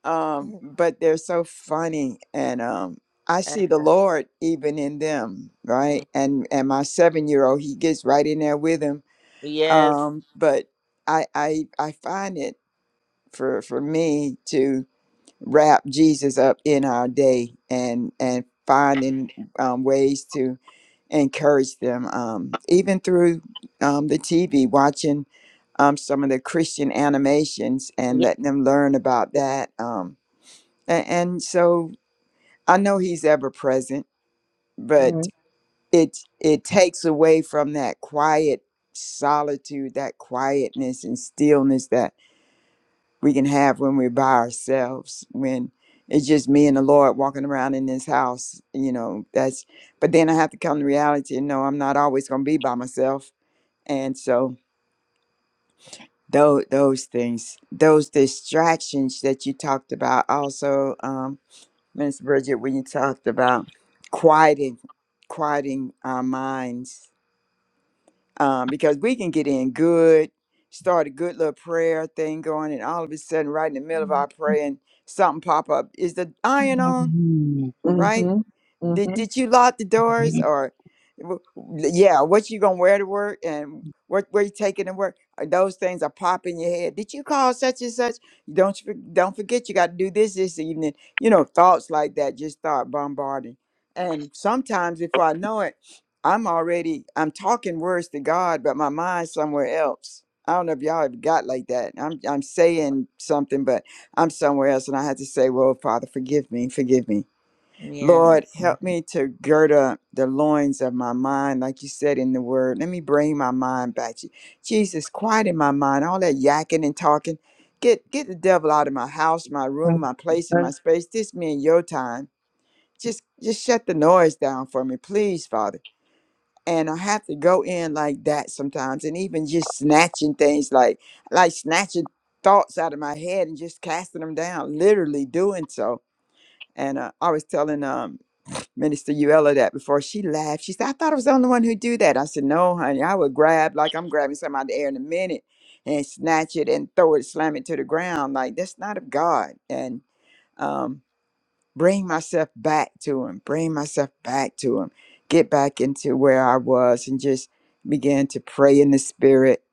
B: Um, but they're so funny and um I
C: and,
B: see the
C: uh,
B: Lord even in them,
C: mm,
B: right? And and my seven year old, he gets right in there with him.
C: yes,
B: Um, but I I I find it for for me to wrap Jesus up in our day and and finding um, ways to encourage them um, even through um, the TV watching um, some of the Christian animations and
C: ye-
B: letting them learn about that um, and, and so I know he's ever present but
A: Right.
B: it it takes away from that quiet solitude that quietness and stillness that we can have when we're by ourselves, when it's just me and the Lord walking around in this house, you know, that's but then I have to come to reality and know I'm not always gonna be by myself. And so those those things, those distractions that you talked about also, um, Minister Bridget, when you talked about quieting quieting our minds um, because we can get in good, start a good little prayer thing going, and all of a sudden, right in the middle of our praying, something pop up. Is the iron on? right?
A: Mm-hmm.
B: Did
A: Mm-hmm.
B: did you lock the
D: Mhm.
B: doors or w- w- yeah, what you gonna wear to work and what where you taking to work? Uh, Those things are popping in your head. Did you call such and such? Don't you for- don't forget you got to do this this evening. You know, thoughts like that just start bombarding. And sometimes before I know it, I'm already I'm talking words to God, but my mind's somewhere else. I don't know if y'all have got like that. I'm I'm saying something, but I'm somewhere else, and I had to say, "Well, Father, forgive me, forgive me."
C: yeah.
B: Lord, help me to gird up the loins of my mind, like you said in the word. Let me bring my mind back to you. Jesus, quiet in my mind, all that yakking and talking. Get get the devil out of my house, my room, my place, and
A: Right.
B: my space. This me and your time. Just just shut the noise down for me, please, Father. And I have to go in like that sometimes, and even just snatching things like like snatching thoughts out of my head and just casting them down, literally doing so. And uh, I was telling um Minister Uella that before she laughed. She said, I thought I was the only one who do that. I said, No, honey, I would grab like I'm grabbing something out of the air in a minute and snatch it and throw it, slam it to the ground. Like that's not of God. And um bring myself back to him. Bring myself back to him. Get back into where I was and just began to pray in the spirit,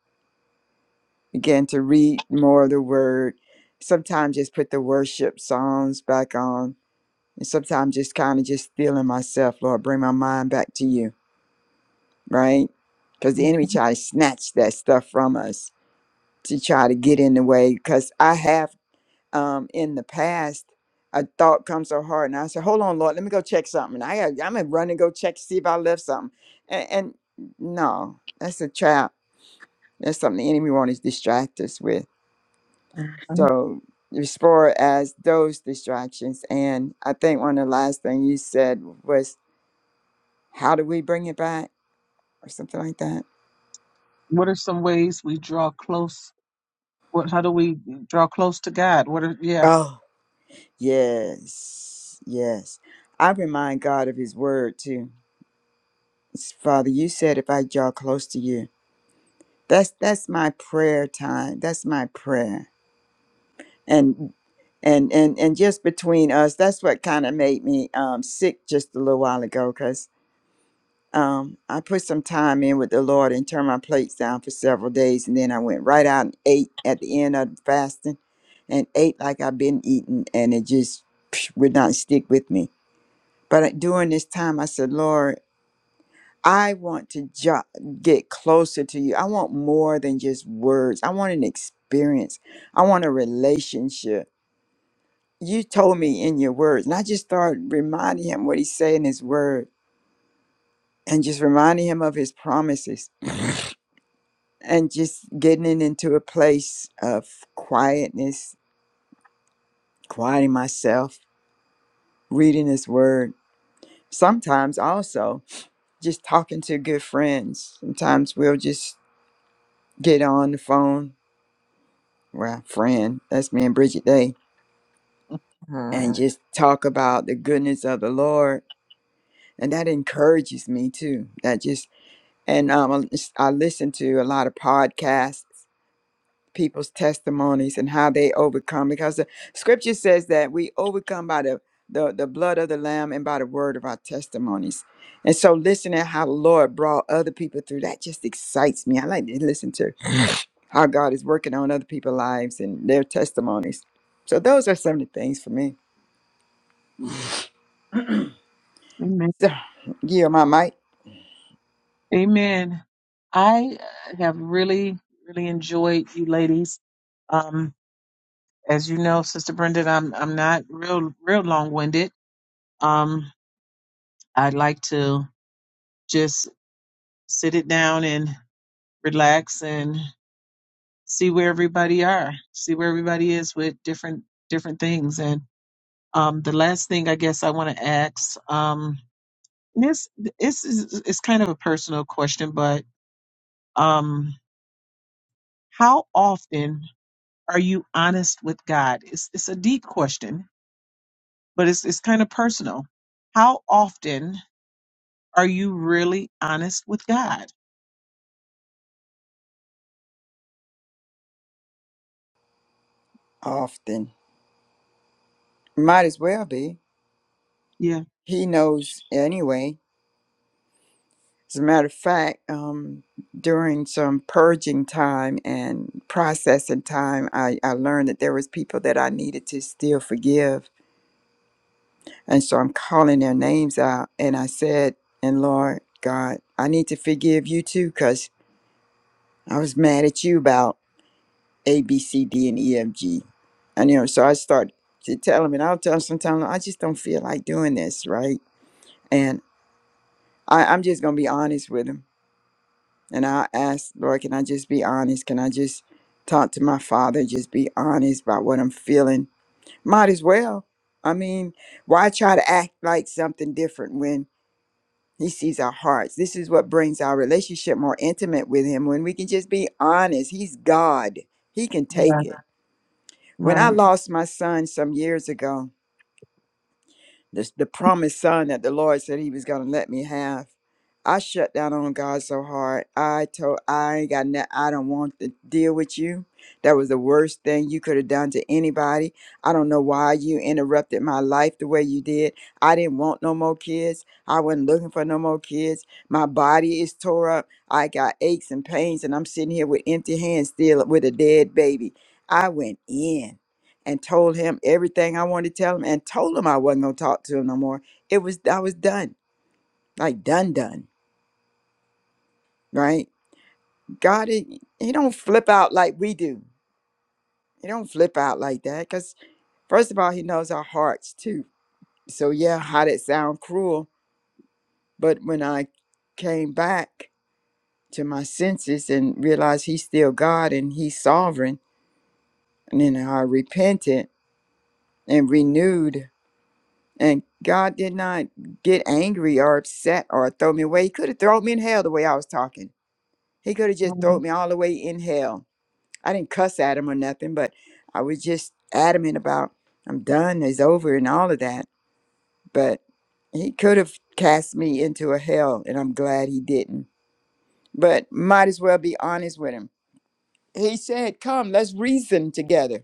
B: began to read more of the word. Sometimes just put the worship songs back on. And sometimes just kind of just feeling myself, Lord, bring my mind back to you right? Because the enemy try to snatch that stuff from us to try to get in the way. Because I have um, in the past, a thought comes so hard, and I said, "Hold on, Lord, let me go check something." I gotta, I'm gonna run and go check to see if I left something. And, and no, that's a trap. That's something the enemy wants to distract us with.
A: hmm
B: So as far as those distractions, and I think one of the last thing you said was, "How do we bring it back?" or something like that.
A: What are some ways we draw close? What? How do we draw close to God? What are? Yeah.
B: Oh. Yes, yes. I remind God of His word too. Father, you said if I draw close to you, that's that's my prayer time. That's my prayer. And and and and just between us, that's what kind of made me um, sick just a little while ago, cause um, I put some time in with the Lord and turned my plates down for several days, and then I went right out and ate at the end of fasting, and ate like I've been eating, and it just would not stick with me But during this time, I said, Lord, I want to jo- get closer to you. I want more than just words. I want an experience. I want a relationship. You told me in your words, and I just started reminding him what he said in his word and just reminding him of his promises and just getting it into a place of quietness, quieting myself, reading his word. Sometimes also just talking to good friends. Sometimes we'll just get on the phone with our friend, that's me and Bridget Day, and
C: Mhm.
B: just talk about the goodness of the Lord. And that encourages me too. That just, and um, I I listen to a lot of podcasts, people's testimonies and how they overcome, because the scripture says that we overcome by the, the, the blood of the Lamb and by the word of our testimonies. And so listening how the Lord brought other people through, that just excites me. I like to listen to how God is working on other people's lives and their testimonies. So those are some of the things for me. So yeah, my mic
A: Amen. I uh, have really, really enjoyed you ladies. Um, as you know, Sister Brenda, I'm I'm not real real long winded. Um, I like to just sit it down and relax and see where everybody are, see where everybody is with different different things. And um, the last thing I guess I want to ask, um, this this is it's kind of a personal question, but um, how often Are you honest with God? It's it's a deep question, but it's it's kind of personal. How often are you really honest with God?
B: often might as well be.
A: Yeah.
B: He knows anyway. As a matter of fact, um, during some purging time and processing time, I, I learned that there was people that I needed to still forgive, and so I'm calling their names out. And I said, "And Lord God, I need to forgive you too, cause I was mad at you about." A, B, C, D, and E, F, G. And you know, so I start to tell him, and I'll tell him sometimes I just don't feel like doing this, right? And I, I'm just gonna be honest with him, and I'll ask, Lord, can I just be honest? Can I just talk to my father? Just be honest about what I'm feeling. Might as well. I mean, why try to act like something different when he sees our hearts? This is what brings our relationship more intimate with him when we can just be honest. He's God. He can take
A: Right.
B: it. When I
A: Right.
B: lost my son some years ago, this, the promised son that the Lord said he was going to let me have, I shut down on God so hard. I told, I ain't got nothing, I don't want to deal with you. That was the worst thing you could have done to anybody. I don't know why you interrupted my life the way you did. I didn't want no more kids. I wasn't looking for no more kids. My body is tore up. I got aches and pains, and I'm sitting here with empty hands still with a dead baby. I went in and told him everything I wanted to tell him and told him I wasn't going to talk to him no more. It was, I was done, like done, done, right? God, he, he don't flip out like we do. He don't flip out like that because first of all, he knows our hearts too. So yeah, how did it sound cruel? But when I came back to my senses and realized he's still God and he's sovereign, and then I repented and renewed And God did not get angry or upset or throw me away. He could have thrown me in hell the way I was talking. He could have just
A: Right.
B: thrown me all the way in hell. I didn't cuss at him or nothing, but I was just adamant about I'm done, it's over, and all of that. But he could have cast me into a hell, and I'm glad he didn't. But might as well be honest with him. He said, Come, let's reason together.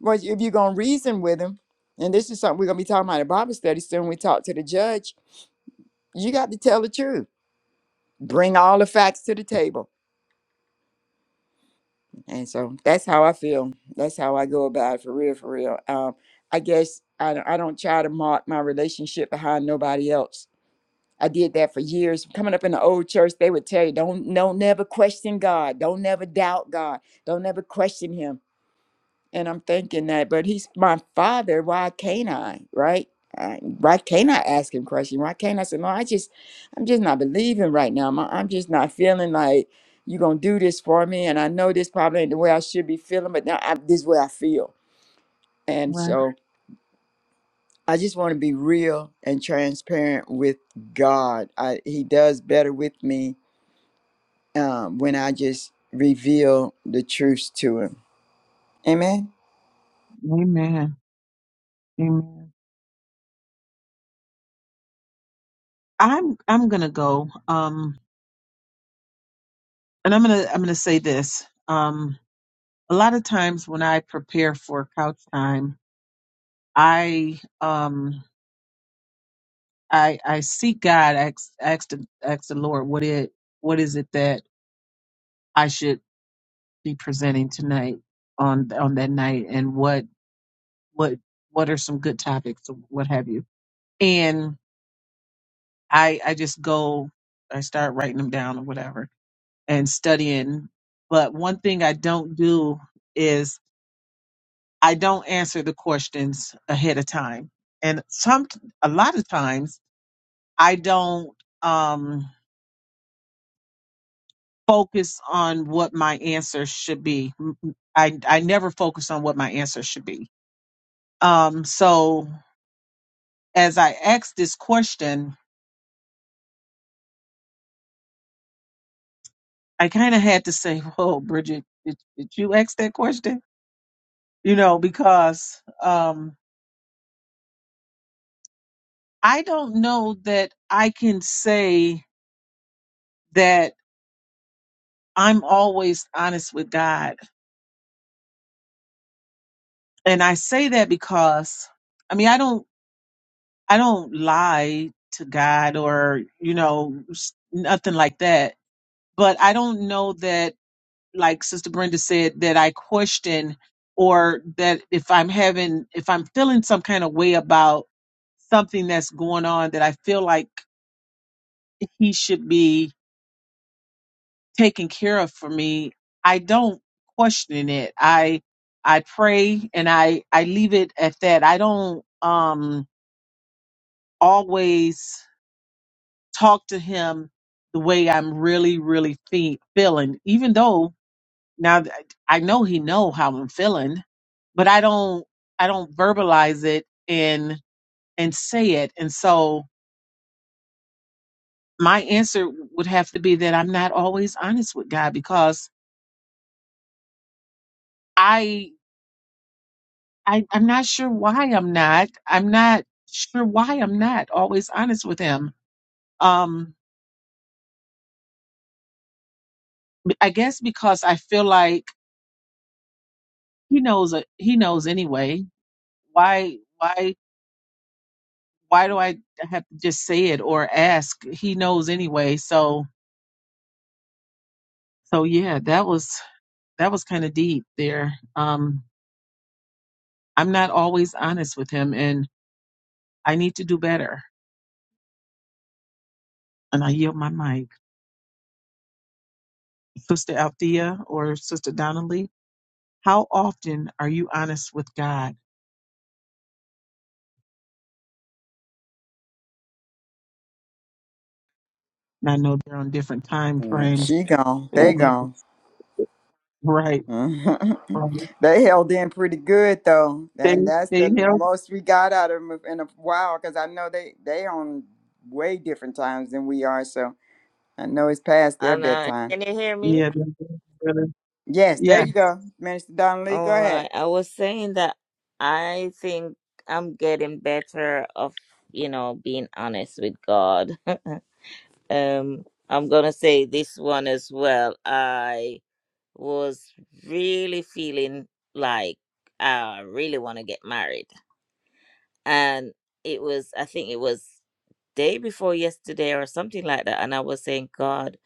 B: Well, if you're going to reason with him, and this is something we're going to be talking about in Bible study soon, we talk to the judge you got to tell the truth. Bring all the facts to the table. And so that's how I feel. That's how I go about it for real, for real. Um, I guess I, don't- I don't try to mark my relationship behind nobody else. I did that for years. Coming up in the old church, they would tell you, don't, don't never question God. Don't never doubt God. Don't never question him. And I'm thinking that, but he's my father. Why can't I? Right? I, why can't I ask him questions? Why can't I say, no, I just, I'm just not believing right now. Ma- I'm just not feeling like you're going to do this for me. And I know this probably ain't the way I should be feeling, but now I, this is the way I feel. And
A: right.
B: so I just want to be real and transparent with God. I, he does better with me um, when I just reveal the truth to him. Amen.
A: Amen. Amen. I'm I'm gonna go. Um and I'm gonna I'm gonna say this. Um a lot of times when I prepare for couch time, I um I I seek God, I ask, ask, the, ask the Lord what it what is it that I should be presenting tonight on on that night and what what what are some good topics or what have you and i i just go i start writing them down or whatever and studying but one thing i don't do is i don't answer the questions ahead of time and some a lot of times i don't um focus on what my answer should be i i never focus on what my answer should be um so as I asked this question, I kind of had to say, "Whoa, Bridget, did, did you ask that question?" You know, because um, I don't know that I can say that I'm always honest with God, and I say that because I mean I don't I don't lie to God or you know s- nothing like that, but I don't know that. like Sister Brenda said, that I question or that if I'm having, if I'm feeling some kind of way about something that's going on that I feel like he should be taking care of for me, I don't question it. I, I pray and I, I leave it at that. I don't, um, always talk to him the way I'm really, really fe- feeling, even though now that I know he know how I'm feeling but I don't I don't verbalize it and and say it. And so my answer would have to be that I'm not always honest with God because I I I'm not sure why I'm not. I'm not sure why I'm not always honest with him. Um I guess because I feel like he knows uh, he knows anyway. Why why why do I have to just say it or ask? He knows anyway. So so yeah, that was that was kind of deep there. Um I'm not always honest with him, and I need to do better. And I yield my mic. Sister Althea or Sister Donnelly, how often are you honest with God? And I know they're on different time
B: Mm,
A: frames.
B: she gone.
A: They
B: They
A: may
B: gone.
A: be- Right.
B: Mhm.
A: right.
B: they held in pretty good though,
A: They,
B: and that's
A: they
B: the
A: help.
B: most we got out of them in a while. Because I know they they on way different times than we are, so I know it's past their
C: And uh,
B: bedtime.
C: can you hear me?
A: Yeah. they- they-
B: Yes, there
A: Yeah.
B: you go, Minister Donnelly. Go
C: All
B: ahead.
C: right. I was saying that I think I'm getting better of you know being honest with God. um, I'm gonna say this one as well. I was really feeling like I really want to get married. and it was i think it was day before yesterday or something like that and i was saying god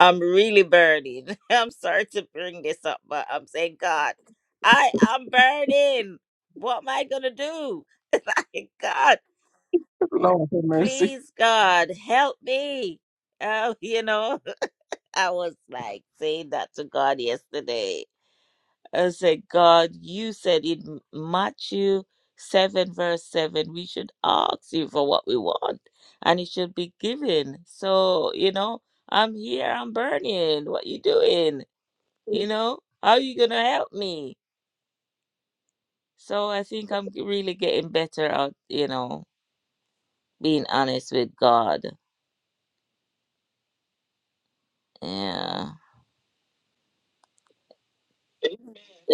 C: i'm really burning i'm sorry to bring this up but i'm saying god i am burning what am i gonna do like god
A: Lord have mercy.
C: please god help me oh you know i was like saying that to god yesterday I said, God, you said in Matthew 7, verse 7, we should ask you for what we want and it should be given. So, you know, I'm here, I'm burning. What you doing? You know, how you going to help me? So I think I'm g- really getting better at, you know, being honest with God. Yeah.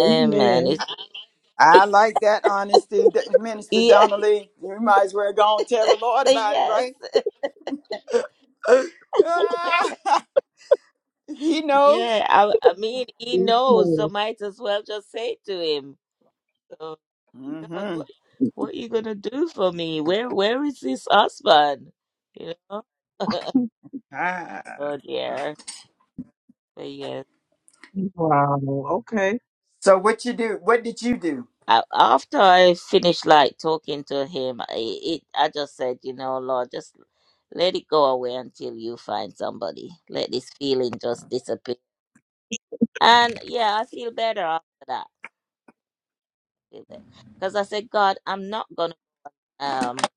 C: Amen. It's,
B: I like that honesty, that- Minister
C: yes,
B: Donnelly. You might as well go and tell the Lord about it,
C: yes.
B: right? Ah, he knows.
C: Yeah, I, I mean, he knows, so
A: Amen.
C: might as well just say it to him. So God,
B: hmm
C: what what you gonna do for me? Where where is this husband? You know?
B: Ah.
C: Oh dear. But yes.
A: Wow. Okay.
B: So what you do? What did you do?
C: I, after I finished like talking to him, I it I just said, you know, Lord, just let it go away until you find somebody. Let this feeling just disappear. And yeah, I feel better after that. Because I said, God, I'm not gonna um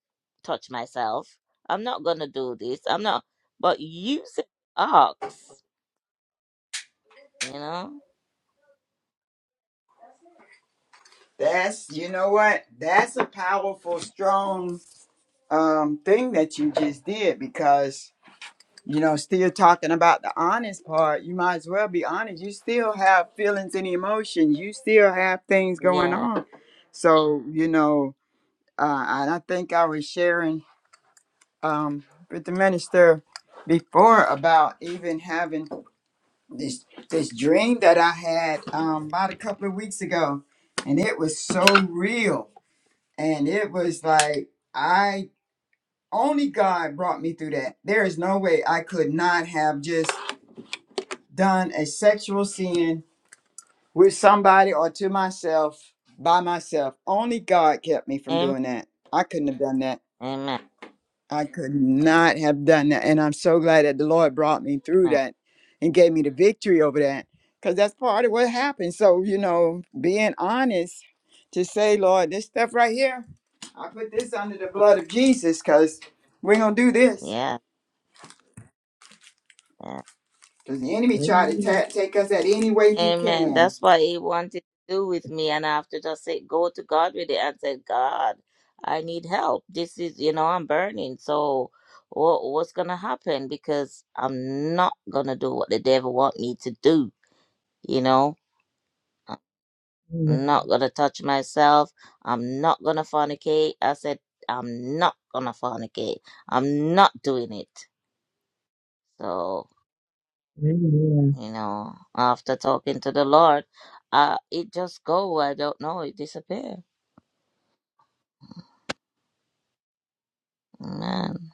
C: touch myself. I'm not gonna do this. I'm not but you said ox. You know?
B: That's you know what? That's a powerful, strong um thing that you just did because you know, still talking about the honest part, you might as well be honest. You still have feelings and emotions, you still have things going
C: Yeah.
B: on. So, you know, uh and I think I was sharing um with the minister before about even having this this dream that I had um about a couple of weeks ago and it was so real And it was like, I only God brought me through that. There is no way I could not have just done a sexual sin with somebody or to myself by myself. Only God kept me from
C: Amen.
B: doing that. I couldn't have done that.
C: Amen.
B: I could not have done that. And I'm so glad that the Lord brought me through
C: Amen.
B: that and gave me the victory over that because that's part of what happened. So, you know, being honest to say, Lord, this stuff right here, I put this under the blood of Jesus because we're going to do this
C: Yeah. yeah.
B: because the enemy tried to
A: Amen.
B: ta- take us at any way he
C: Amen.
B: can.
C: That's what he wanted to do with me. And I have to just say, go to God with it and say, God, I need help. This is, you know, I'm burning. So what, what's going to happen? Because I'm not going to do what the devil want me to do. You know, I'm not
A: Amen.
C: going to touch myself. I'm not going to fornicate. I said, I'm not going to fornicate. I'm not doing it. So.
A: Amen.
C: you know, after talking to the Lord, uh, it just go. I don't know. It disappear. Amen.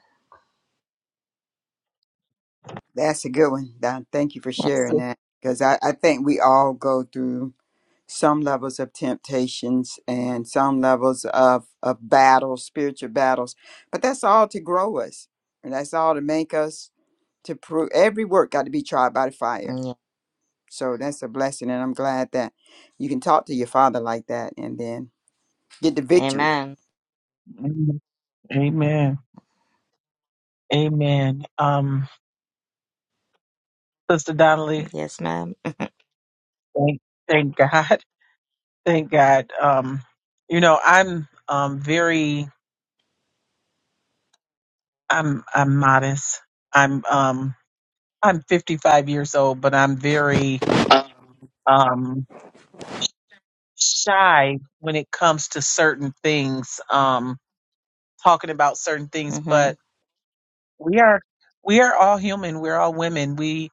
B: That's a good one, Don. Thank you for
C: Mm,
B: sharing
A: So-
B: that because I, I think we all go through some levels of temptations and some levels of, of battles, spiritual battles. But that's all to grow us. And that's all to make us to prove every work got to be tried by the fire.
C: Yeah.
B: So that's a blessing. And I'm glad that you can talk to your father like that and then get the victory.
C: Amen.
A: Amen. Amen. Amen. Um, Sister Donnelly.
C: Yes, ma'am.
A: Thank, thank God. Thank God. Um, you know, I'm um very I'm I'm modest. I'm um I'm 55 years old, but I'm very um shy when it comes to certain things, um talking about certain things,
C: Mm-hmm.
A: but we are we are all human. We're all women. We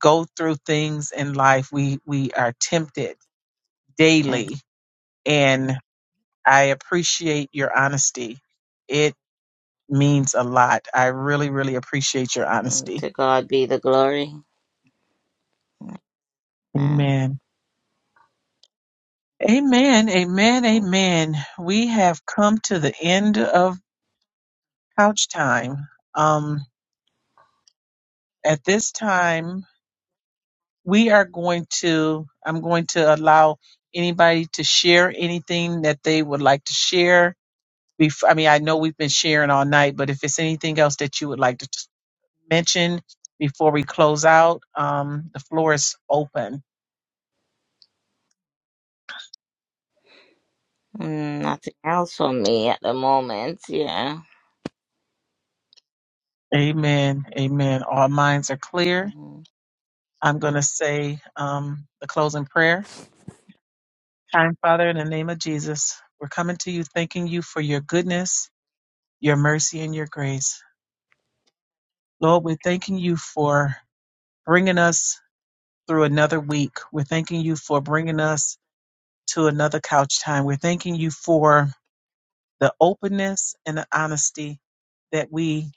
A: go through things in life. We we are tempted daily and I appreciate your honesty means a lot. I really, really appreciate your
C: hmm
A: honesty.
C: To God be the glory. Amen.
A: Amen. Amen. Amen. Amen. We have come to the end of couch time. Um, at this time, we are going to, I'm going to allow anybody to share anything that they would like to share. Bef- I mean, I know we've been sharing all night, but if it's anything else that you would like to t- mention before we close out, um, the floor is open.
C: Mm, nothing else for me at the moment. Yeah.
A: Amen. Amen. All minds are clear.
C: hmm
A: I'm going to say um, the closing prayer. Kind Father, in the name of Jesus, we're coming to you thanking you for your goodness, your mercy, and your grace. Lord, we're thanking you for bringing us through another week. We're thanking you for bringing us to another couch time. We're thanking you for the openness and the honesty that we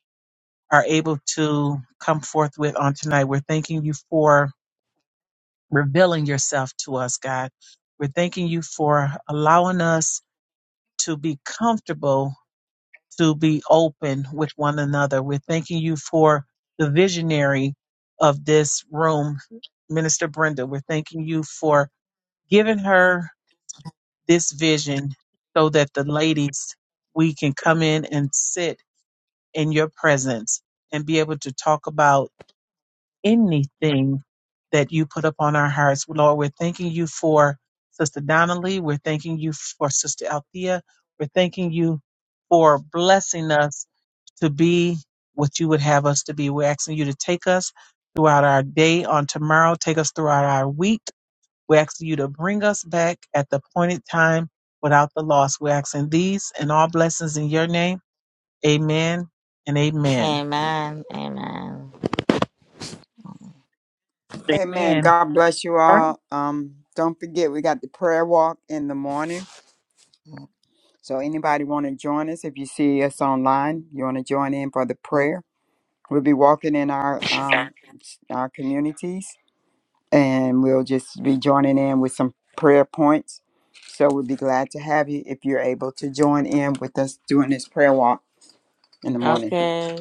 A: are able to come forth with on tonight. We're thanking you for revealing yourself to us, God. We're thanking you for allowing us to be comfortable, to be open with one another. We're thanking you for the visionary of this room, Minister Brenda. We're thanking you for giving her this vision so that the ladies, we can come in and sit in your presence and be able to talk about. anything that you put upon our hearts. Lord, we're thanking you for Sister Donnelly. We're thanking you for Sister Althea. We're thanking you for blessing us to be what you would have us to be. We're asking you to take us throughout our day on tomorrow, take us throughout our week. We're asking you to bring us back at the appointed time without the loss. We're asking these and all blessings in your name. Amen and amen.
C: Amen. Amen.
B: Amen.
A: Amen.
B: God bless you
A: All right.
B: all. Um, don't forget we got the prayer walk in the morning. So anybody want to join us? If you see us online, you want to join in for the
C: Mhm.
B: prayer. We'll be walking in our um, s- our communities, and we'll just be joining in with some prayer points. So we'll be glad to have you if you're able to join in with us doing this prayer walk in the morning.
C: Okay.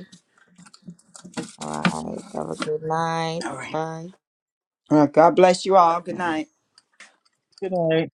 C: All right. Have a good night.
B: All right.
C: Bye.
B: Well, God bless you all. Good night.
A: Good night.